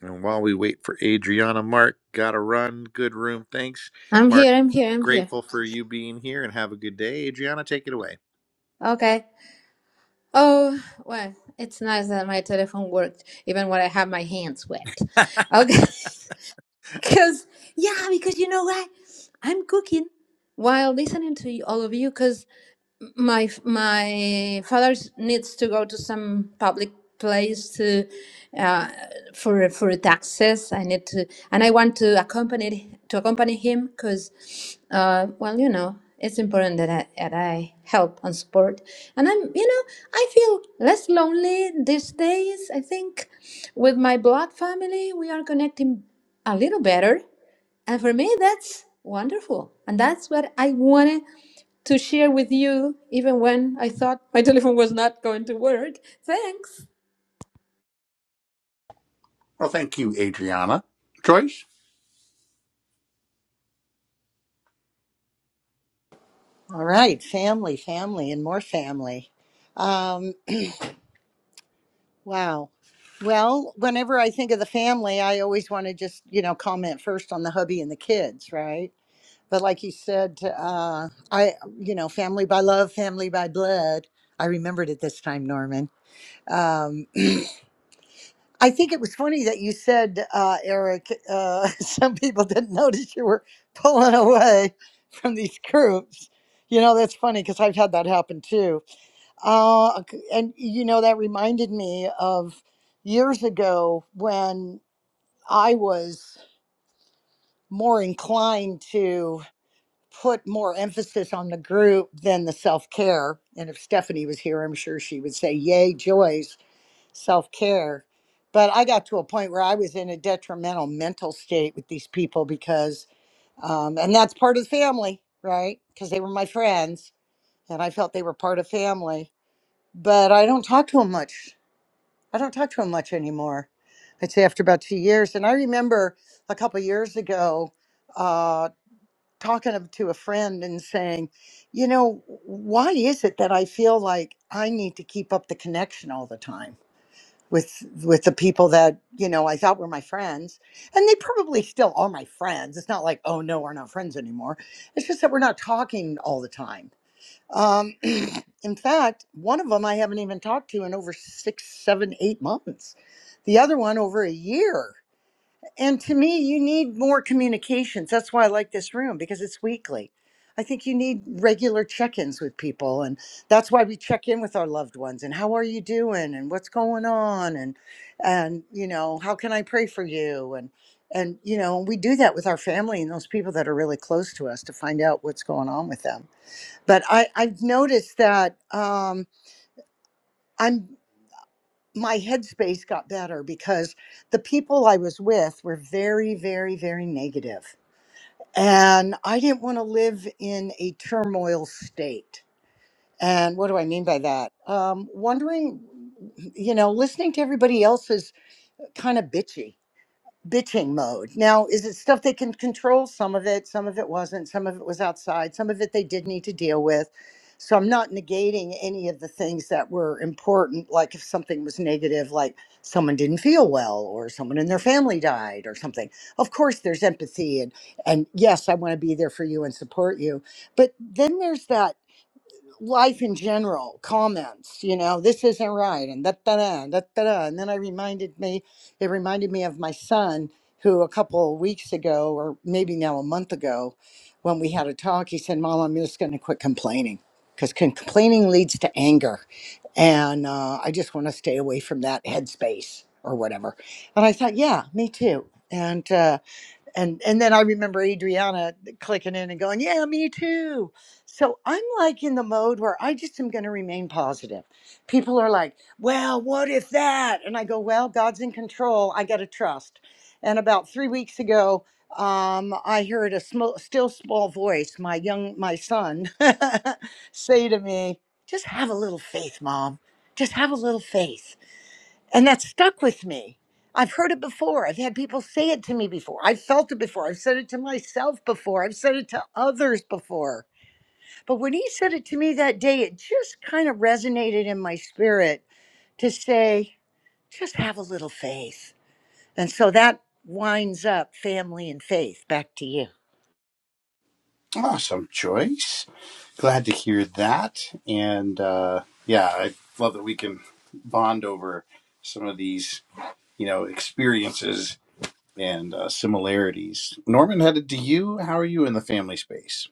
A: And while we wait for Adriana, Mark, gotta run. Good room. Thanks,
B: I'm
A: Mark.
B: here, I'm here, I'm here.
A: Grateful for you being here and have a good day. Adriana, take it away.
B: Okay. Oh, well, it's nice that my telephone worked even when I have my hands wet. Okay. Because, yeah, because you know what? I'm cooking while listening to you- all of you because my my father needs to go to some public place to uh, for for taxes. I need to and I want to accompany to accompany him because uh, well you know it's important that I, that I help and support and I'm you know I feel less lonely these days. I think with my blood family we are connecting a little better and for me, that's wonderful. And that's what I wanted to share with you, even when I thought my telephone was not going to work. Thanks.
A: Well, thank you, Adriana. Joyce?
C: All right, family, family, and more family. Um, wow. Well, whenever I think of the family, I always want to just, you know, comment first on the hubby and the kids, right? But like you said, uh, I, you know, family by love, family by blood. I remembered it this time, Norman. Um, I think it was funny that you said, uh, Eric, uh, some people didn't notice you were pulling away from these groups. You know, that's funny because I've had that happen too. Uh, c- and, you know, that reminded me of years ago when I was more inclined to put more emphasis on the group than the self care. And if Stephanie was here, I'm sure she would say, Yay, Joyce self care. But I got to a point where I was in a detrimental mental state with these people because, um, and that's part of family, right? Because they were my friends and I felt they were part of family. But I don't talk to them much. I don't talk to them much anymore. I'd say after about two years. And I remember a couple of years ago uh, talking of- to a friend and saying, you know, why is it that I feel like I need to keep up the connection all the time? with with the people that you know I thought were my friends, and they probably still are my friends. It's not like oh no, we're not friends anymore. It's just that we're not talking all the time. Um, in fact, one of them I haven't even talked to in over six, seven, eight months. The other one over a year. And to me, you need more communications. That's why I like this room because it's weekly. I think you need regular check ins with people. And that's why we check in with our loved ones and how are you doing and what's going on and, and, you know, how can I pray for you? And, and, you know, we do that with our family and those people that are really close to us to find out what's going on with them. But I, I've noticed that um, I'm my headspace got better because the people I was with were very, very, very negative. And I didn't want to live in a turmoil state. And what do I mean by that? Um, wondering, you know, listening to everybody else is kind of bitchy bitching mode. Now, is it stuff they can control? Some of it, some of it wasn't, some of it was outside, some of it they did need to deal with. So I'm not negating any of the things that were important, like if something was negative, like someone didn't feel well or someone in their family died or something. Of course there's empathy and and yes, I want to be there for you and support you. But then there's that life in general comments you know this isn't right and da da da da da da and then i reminded me it reminded me of my son who a couple of weeks ago or maybe now a month ago when we had a talk he said mom i'm just going to quit complaining because complaining leads to anger and uh, i just want to stay away from that headspace or whatever and i thought yeah me too and uh, and and then I remember Adriana clicking in and going, "Yeah, me too." So I'm like in the mode where I just am going to remain positive. People are like, "Well, what if that?" And I go, "Well, God's in control. I got to trust." And about three weeks ago, um, I heard a sm- still small voice, my young my son, say to me, "Just have a little faith, mom. Just have a little faith." And that stuck with me. I've heard it before. I've had people say it to me before. I've felt it before. I've said it to myself before. I've said it to others before. But when he said it to me that day, it just kind of resonated in my spirit to say, just have a little faith. And so that winds up family and faith. Back to you.
A: Awesome, Joyce. Glad to hear that. And uh, yeah, I love that we can bond over some of these, you know, experiences and uh, similarities. Norman, headed to you. How are you in the family space?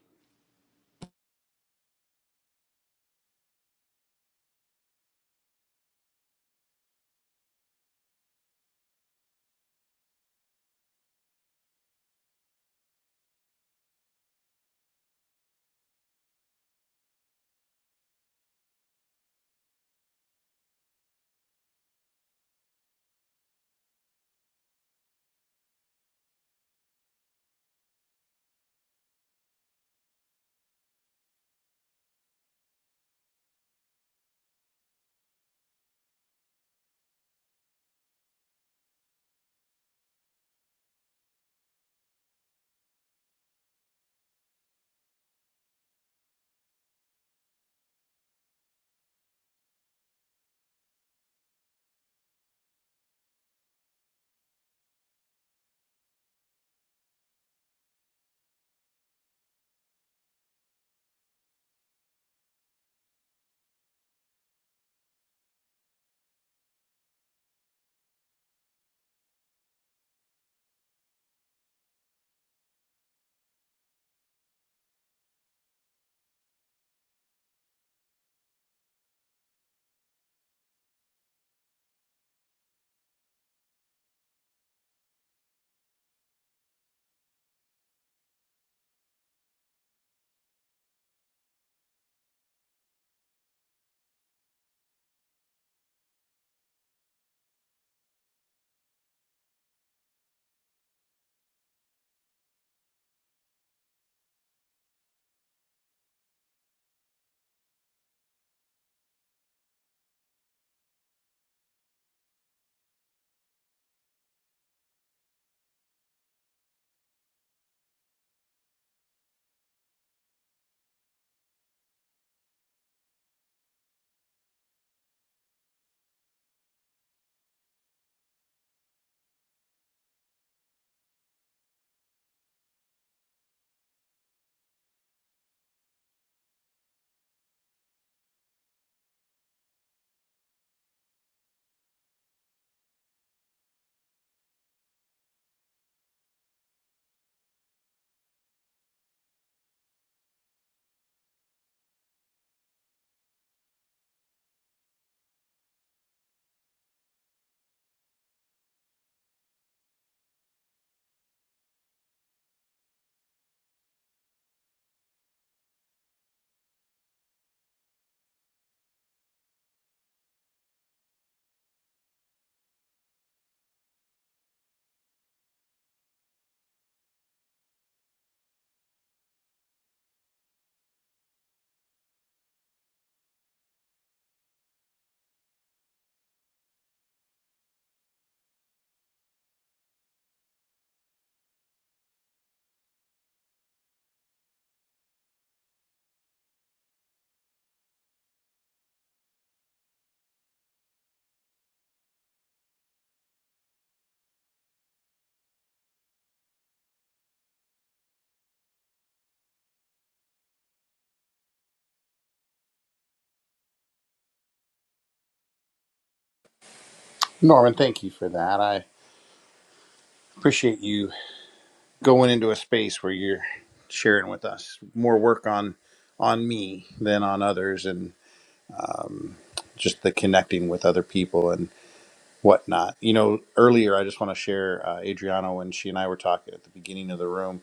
A: Norman, thank you for that. I appreciate you going into a space where you're sharing with us more work on on me than on others and um, just the connecting with other people and whatnot you know earlier i just want to share uh, adriana when she and i were talking at the beginning of the room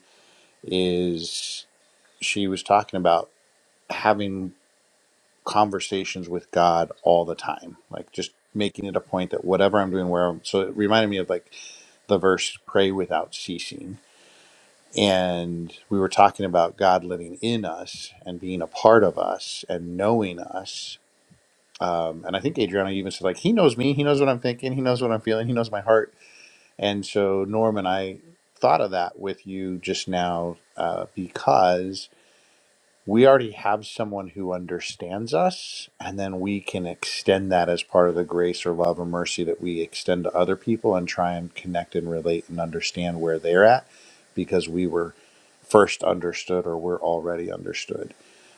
A: is she was talking about having conversations with god all the time like just making it a point that whatever i'm doing where I'm, so it reminded me of like the verse pray without ceasing And we were talking about God living in us and being a part of us and knowing us. Um, and I think Adriana even said, like, he knows me, he knows what I'm thinking, he knows what I'm feeling, he knows my heart. And so, Norm and I thought of that with you just now uh, because we already have someone who understands us, and then we can extend that as part of the grace or love or mercy that we extend to other people and try and connect and relate and understand where they're at because we were first understood or we're already understood.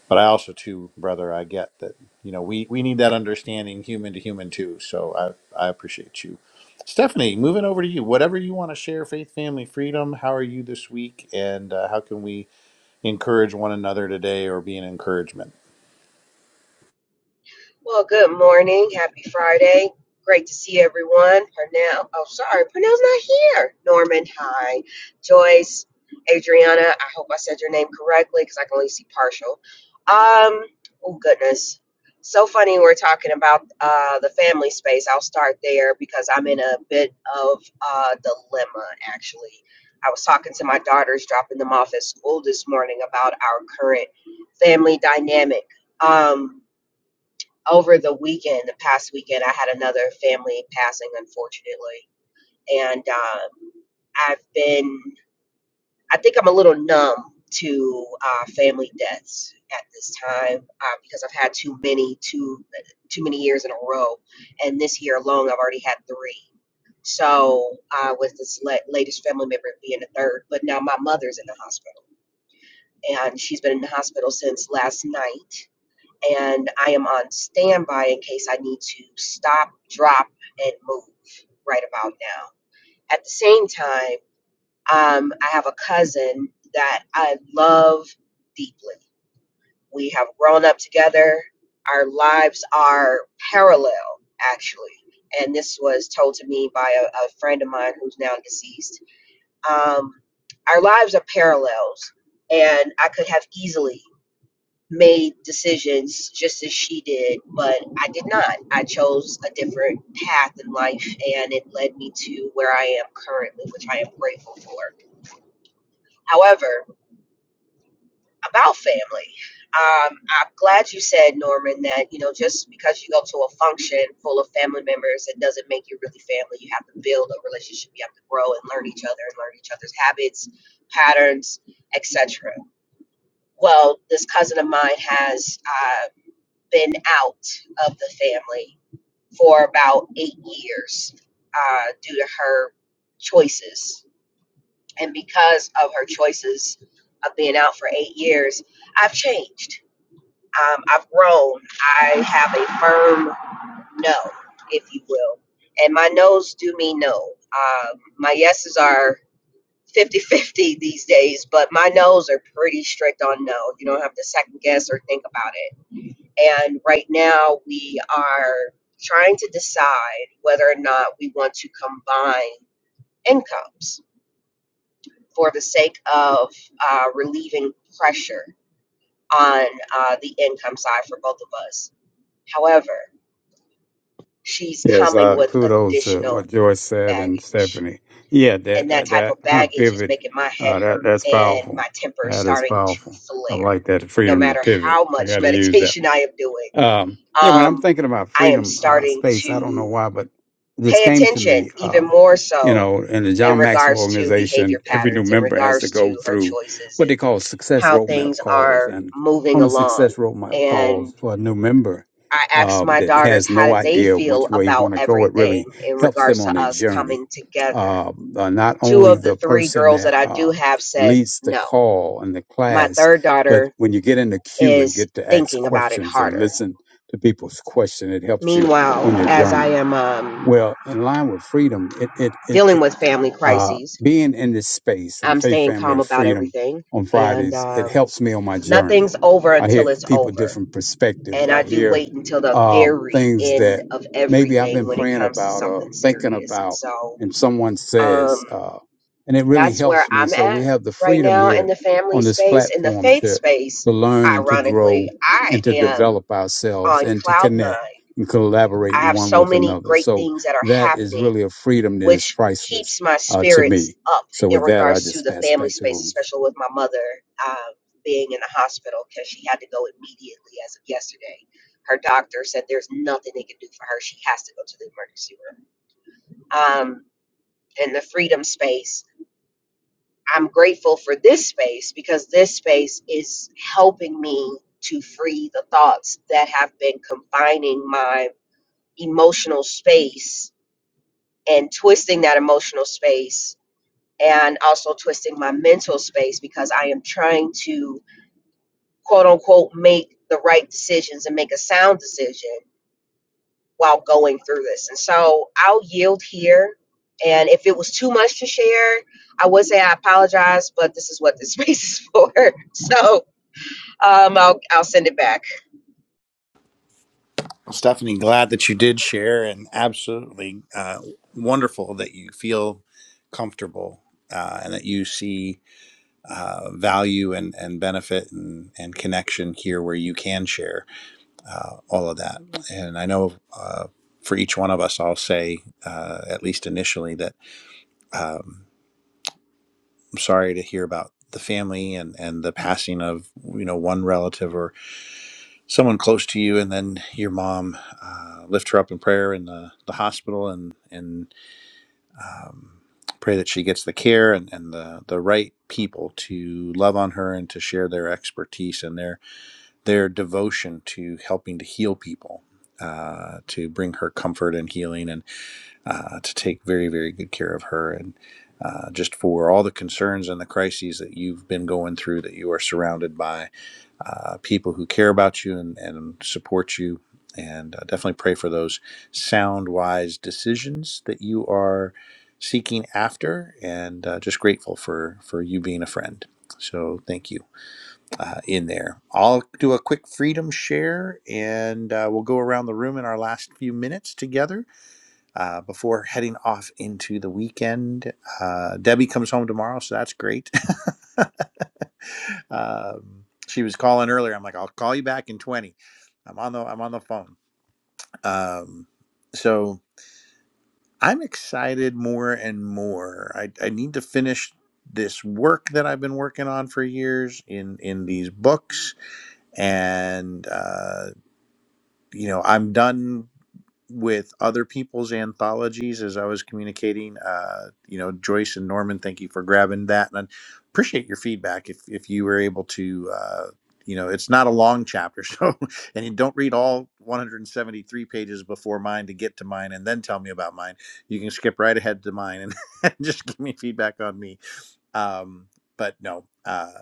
A: But I also, too, brother, I get that, you know, we, we need that understanding human to human, too. So I, I appreciate you. Stephanie, moving over to you. Whatever you want to share, faith, family, freedom, how are you this week? And uh, how can we? encourage one another today or be an encouragement.
E: Well, good morning. Happy Friday. Great to see everyone. Pernell, oh, sorry, Pernell's not here. Norman, hi. Joyce, Adriana, I hope I said your name correctly because I can only see partial. Um, oh, goodness. So funny we're talking about uh, the family space. I'll start there because I'm in a bit of a dilemma, actually. I was talking to my daughters, dropping them off at school this morning about our current family dynamic. Um, over the weekend, the past weekend, I had another family passing, unfortunately. And um, I've been, I think I'm a little numb to uh, family deaths at this time uh, because I've had too many, too, too many years in a row. And this year alone, I've already had three. So, uh, with this la- latest family member being the third, but now my mother's in the hospital and she's been in the hospital since last night and I am on standby in case I need to stop, drop, and move right about now. At the same time, um, I have a cousin that I love deeply. We have grown up together. Our lives are parallel, actually. And this was told to me by a, a friend of mine who's now deceased. Um, our lives are parallels, and I could have easily made decisions just as she did, but I did not. I chose a different path in life and it led me to where I am currently, which I am grateful for. However, about family, um, I'm glad you said, Norman, that, you know, just because you go to a function full of family members, it doesn't make you really family. You have to build a relationship. You have to grow and learn each other and learn each other's habits, patterns, etc. Well, this cousin of mine has uh, been out of the family for about eight years uh, due to her choices. And because of her choices of being out for eight years, I've changed. Um, I've grown. I have a firm no, if you will. And my no's do me no. Um, my yeses are fifty-fifty these days, but my no's are pretty strict on no. You don't have to second guess or think about it and right now, we are trying to decide whether or not we want to combine incomes for the sake of uh, relieving pressure on uh, the income side for both of us. However, she's
D: Yes,
E: coming
D: uh,
E: with
D: kudos to
E: additional
D: what Joyce said and
E: baggage.
D: Stephanie. Yeah, that
E: And that
D: that,
E: type
D: that
E: of
D: huh,
E: baggage is
D: pivot,
E: making my head
D: uh, that
E: hurt
D: that's
E: and
D: powerful.
E: my temper is
D: That is
E: starting to
D: powerful. I
E: flare.
D: like that
E: No
D: freedom to
E: matter
D: pivot.
E: how
D: I
E: much
D: got to use that
E: meditation I am doing,
D: um, yeah, when I'm
E: um,
D: thinking about
E: I am
D: freedom uh,
E: starting
D: space, I don't know
E: to
D: why, but this
E: pay
D: came to
E: attention
D: me.
E: even
D: Um,
E: more
D: you
E: so
D: know, in the
E: in
D: John Maxwell
E: regards to behavior
D: organization, every new
E: patterns, in
D: member has to
E: regards to
D: go
E: her
D: through
E: choices
D: what
E: and
D: they call success
E: how
D: roadmap
E: things
D: calls.
E: are
D: And
E: moving
D: on the
E: along.
D: success roadmap calls
E: And
D: for a new member
E: I asked
D: um,
E: my
D: that
E: daughters
D: has
E: how
D: no
E: did they
D: idea
E: feel
D: which way you
E: about
D: want to go, it
E: everything
D: really
E: in
D: helps them
E: regards
D: on
E: to
D: their
E: us
D: journey.
E: coming together.
D: Um, Uh, not
E: Two
D: only
E: of the
D: the
E: three
D: person
E: girls that
D: that
E: I do
D: uh,
E: have said
D: leads the
E: no.
D: call and the
E: My
D: class,
E: third
D: but
E: daughter
D: when you get in the queue and
E: is
D: get to ask
E: thinking about it
D: questions and
E: harder.
D: listen to people's question, it helps you
E: Meanwhile,
D: on your
E: as I
D: journey.
E: am um,
D: Well, in line with freedom, it it it,
E: dealing
D: it
E: with family
D: uh,
E: crises,
D: being in this space and
E: I'm
D: faith,
E: staying
D: family,
E: calm
D: and
E: about
D: freedom
E: everything.
D: on
E: And
D: Fridays, it
E: um,
D: helps me on my journey.
E: nothing's over
D: I
E: until
D: hear
E: it's
D: people
E: over.
D: different perspectives.
E: And I
D: I
E: do
D: hear
E: wait until the
D: uh,
E: very
D: things
E: end
D: that
E: of
D: maybe I've
E: everything
D: been
E: when it
D: praying
E: comes to
D: about or
E: something
D: thinking
E: serious. And
D: about,
E: so
D: and someone says,
E: um,
D: uh, and it really
E: that's where
D: helps me.
E: I'm
D: So we
E: at
D: have the
E: right
D: freedom
E: now in
D: here
E: the family
D: on this
E: space. In the
D: platform
E: faith
D: to
E: space,
D: to learn and to
E: ironically,
D: grow
E: I
D: and to
E: am
D: develop ourselves
E: on
D: and to
E: cloud nine.
D: connect and collaborate
E: I have
D: one
E: so
D: with
E: many
D: another.
E: great
D: So
E: things that are
D: that is
E: happening
D: really a freedom that is
E: which
D: priceless
E: keeps my
D: uh, to
E: spirits
D: me.
E: up
D: So
E: in
D: with that, I
E: regards to
D: just
E: the
D: pass it
E: family
D: back to the
E: space,
D: room.
E: especially with my mother um, being in the hospital because she had to go immediately as of yesterday. Her doctor said there's nothing they can do for her. She has to go to the emergency room. Um, and the freedom space, I'm grateful for this space because this space is helping me to free the thoughts that have been confining my emotional space and twisting that emotional space and also twisting my mental space because I am trying to quote unquote make the right decisions and make a sound decision while going through this. And so I'll yield here. And if it was too much to share, I would say I apologize, but this is what this space is for. So um, I'll, I'll send it back.
A: Stephanie, glad that you did share, and absolutely uh, wonderful that you feel comfortable uh, and that you see uh, value and, and benefit and, and connection here where you can share uh, all of that. And I know uh, for each one of us, I'll say, uh, at least initially, that um, I'm sorry to hear about the family and, and the passing of you know one relative or. someone close to you and then your mom uh, lift her up in prayer in the, the hospital and and um, pray that she gets the care and, and the, the right people to love on her and to share their expertise and their their devotion to helping to heal people uh, to bring her comfort and healing and uh, to take very very good care of her and uh, just for all the concerns and the crises that you've been going through that you are surrounded by uh, people who care about you and, and support you. And uh, definitely pray for those sound, wise decisions that you are seeking after, and uh, just grateful for for you being a friend. So thank you uh, in there. I'll do a quick freedom share, and uh, we'll go around the room in our last few minutes together uh, before heading off into the weekend. Uh, Debbie comes home tomorrow, so that's great. um, she was calling earlier. I'm like, I'll call you back in 20. I'm on the I'm on the phone. Um, so I'm excited more and more. I, I need to finish this work that I've been working on for years in in these books, and uh, you know I'm done with other people's anthologies as I was communicating. Uh, you know, Joyce and Norman, thank you for grabbing that, and I appreciate your feedback. If if you were able to, uh, you know, it's not a long chapter, so and you don't read all 173 pages before mine to get to mine, and then tell me about mine. You can skip right ahead to mine and just give me feedback on me. Um, but no. Uh,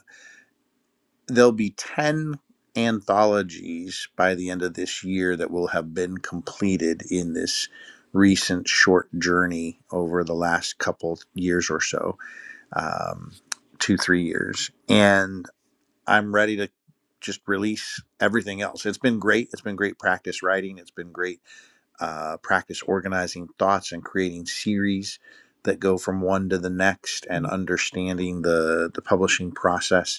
A: there'll be 10 anthologies by the end of this year that will have been completed in this recent short journey over the last couple years or so um, two three years and i'm ready to just release everything else it's been great it's been great practice writing it's been great uh, practice organizing thoughts and creating series that go from one to the next and understanding the the publishing process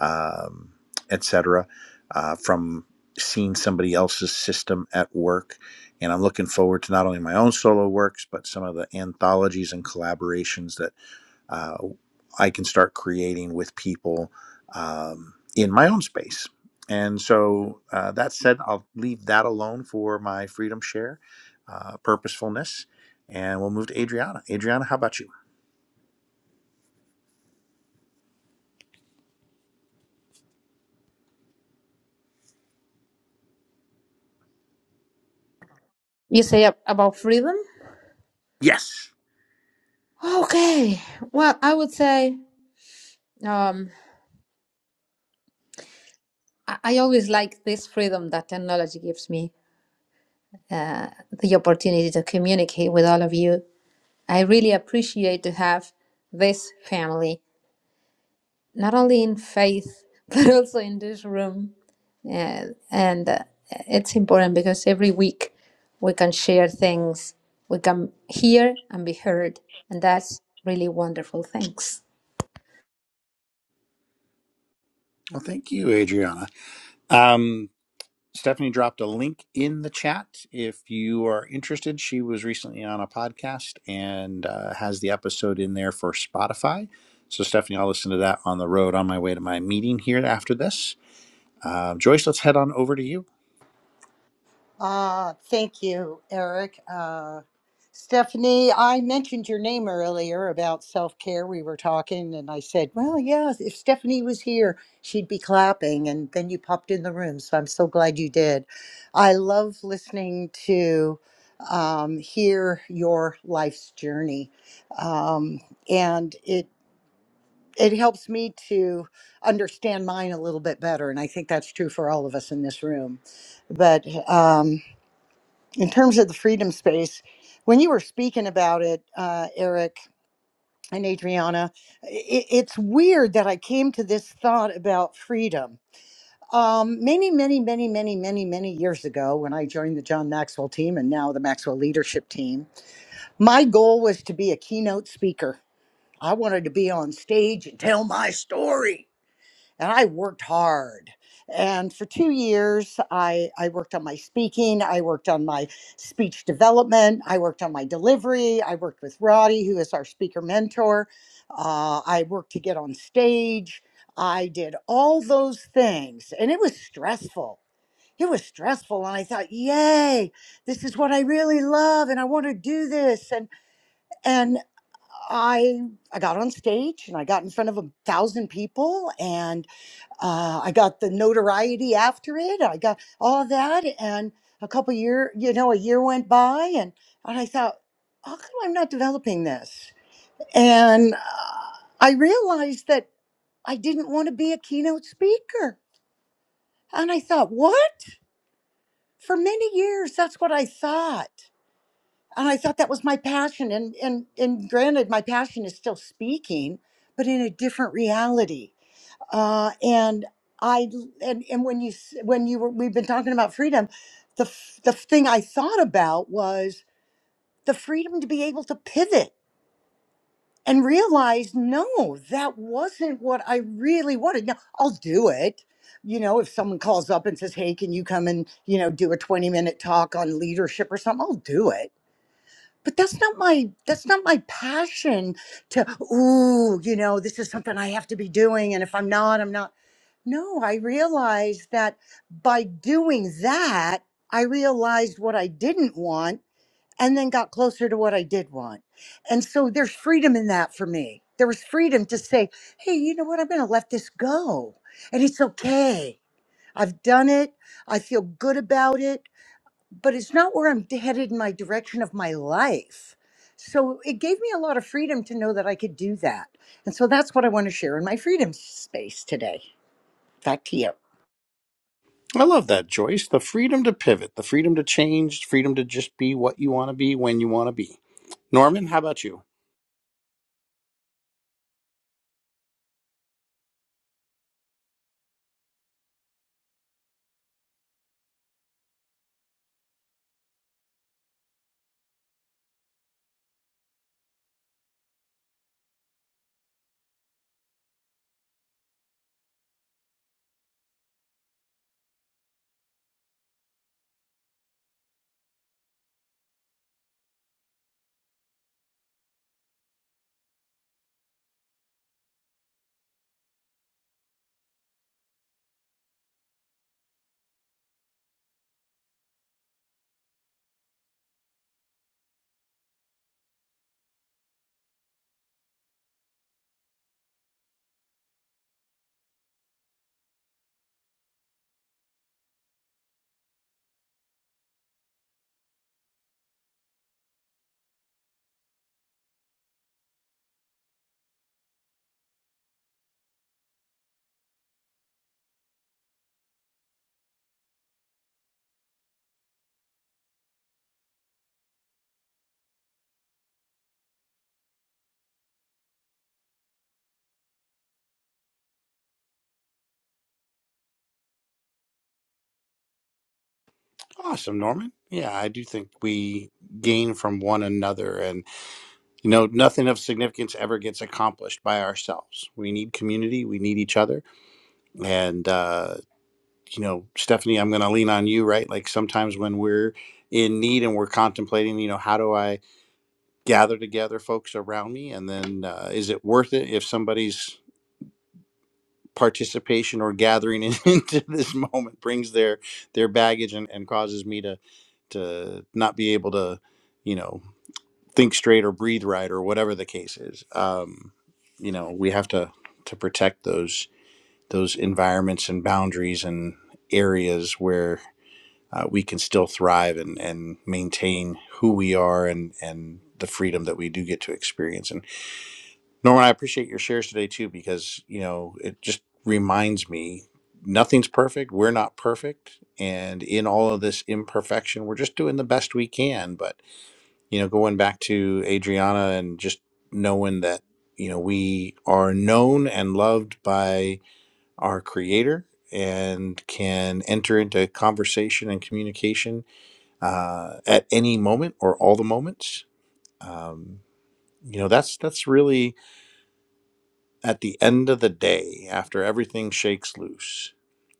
A: um, etc., uh, from seeing somebody else's system at work. And I'm looking forward to not only my own solo works, but some of the anthologies and collaborations that uh, I can start creating with people um, in my own space. And so uh, that said, I'll leave that alone for my freedom share, uh, purposefulness, and we'll move to Adriana. Adriana, how about you?
B: You say ab- about freedom?
A: Yes.
B: Okay. Well, I would say um, I I always like this freedom that technology gives me the opportunity to communicate with all of you. I really appreciate to have this family, not only in faith, but also in this room. Yeah, and uh, it's important because every week we can share things, we can hear and be heard, and that's really wonderful. Thanks.
A: Well, thank you, Adriana. Um, Stephanie dropped a link in the chat if you are interested. She was recently on a podcast and uh, has the episode in there for Spotify. So, Stephanie, I'll listen to that on the road on my way to my meeting here after this. Uh, Joyce, let's head on over to you.
C: Uh, thank you, Eric. Uh, Stephanie, I mentioned your name earlier about self care. We were talking, and I said, Well, yeah, if Stephanie was here, she'd be clapping. And then you popped in the room. So I'm so glad you did. I love listening to um, hear your life's journey. Um, and it it helps me to understand mine a little bit better. And I think that's true for all of us in this room. But um, in terms of the freedom space, when you were speaking about it, uh, Eric and Adriana, i it's weird that I came to this thought about freedom. Um, many, many, many, many, many, many years ago, when I joined the John Maxwell team and now the Maxwell leadership team, my goal was to be a keynote speaker. I wanted to be on stage and tell my story and I worked hard. And for two years, I, I worked on my speaking, I worked on my speech development, I worked on my delivery, I worked with Roddy, who is our speaker mentor. Uh, I worked to get on stage. I did all those things, and it was stressful. It was stressful, and I thought, "Yay, this is what I really love, and I want to do this." And and I I got on stage, and I got in front of a thousand people, and uh, I got the notoriety after it. I got all of that, and a couple year, you know, a year went by, and and I thought, how come I'm not developing this? And uh, I realized that I didn't want to be a keynote speaker, and I thought, what? For many years, that's what I thought, and I thought that was my passion. And and and granted, my passion is still speaking, but in a different reality. uh, and I and and when you s- when you were we've been talking about freedom, the f- the thing I thought about was the freedom to be able to pivot and realize no, that wasn't what I really wanted. Now I'll do it. You know, if someone calls up and says, "Hey, can you come and you know do a twenty minute talk on leadership or something?" I'll do it. But that's not my that's not my passion to ooh, you know, this is something I have to be doing and if I'm not, I'm not no, I realized that by doing that, I realized what I didn't want and then got closer to what I did want. And so there's freedom in that for me. There was freedom to say, hey, you know what? I'm going to let this go. And it's okay. I've done it. I feel good about it, but it's not where I'm headed in my direction of my life. So it gave me a lot of freedom to know that I could do that. And so that's what I want to share in my freedom space today. Back to you.
A: I love that, Joyce. The freedom to pivot, the freedom to change, freedom to just be what you want to be when you want to be. Norman, how about you? Awesome, Norman. Yeah, I do think we gain from one another and. You know, nothing of significance ever gets accomplished by ourselves. We need community, we need each other. And, uh, you know, Stephanie, I'm going to lean on you, right? Like sometimes when we're in need and we're contemplating, you know, how do I gather together folks around me? And then uh, is it worth it if somebody's participation or gathering into this moment brings their their baggage and, and causes me to to not be able to you know think straight or breathe right or whatever the case is. Um, you know, we have to to protect those those environments and boundaries and areas where uh, we can still thrive and and maintain who we are and and the freedom that we do get to experience. And Norman, I appreciate your shares today too because you know it just reminds me nothing's perfect. We're not perfect, and in all of this imperfection, we're just doing the best we can. But you know, going back to Adriana and just knowing that, you know, we are known and loved by our creator and can enter into conversation and communication uh, at any moment or all the moments. Um, you know, that's that's really at the end of the day, after everything shakes loose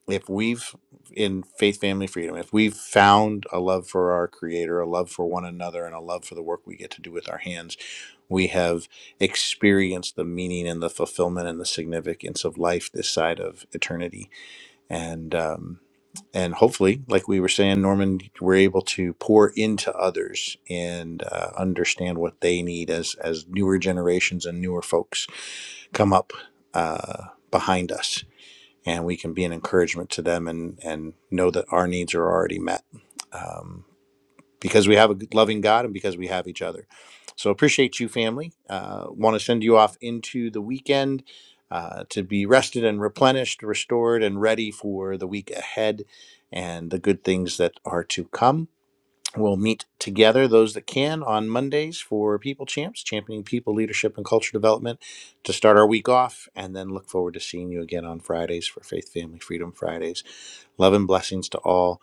A: if we've in faith family freedom if we've found a love for our creator a love for one another and a love for the work we get to do with our hands we have experienced the meaning and the fulfillment and the significance of life this side of eternity and um and hopefully like we were saying norman we're able to pour into others and uh, understand what they need as as newer generations and newer folks come up uh behind us and we can be an encouragement to them and and know that our needs are already met um, because we have a loving God and because we have each other. So appreciate you, family. Uh, Want to send you off into the weekend uh, to be rested and replenished, restored, and ready for the week ahead and the good things that are to come. We'll meet together, those that can, on Mondays for People Champs, championing people, leadership, and culture development to start our week off. And then look forward to seeing you again on Fridays for Faith, Family, Freedom Fridays. Love and blessings to all.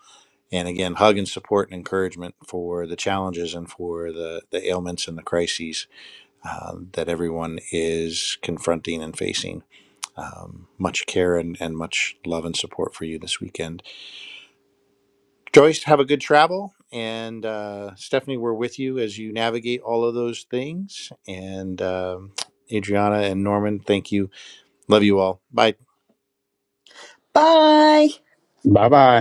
A: And again, hug and support and encouragement for the challenges and for the, the ailments and the crises uh, that everyone is confronting and facing. Um, much care and, and much love and support for you this weekend. Joyce, have a good travel. And uh, Stephanie, we're with you as you navigate all of those things. And um Adriana and Norman, thank you. Love you all. Bye.
C: Bye.
D: Bye bye.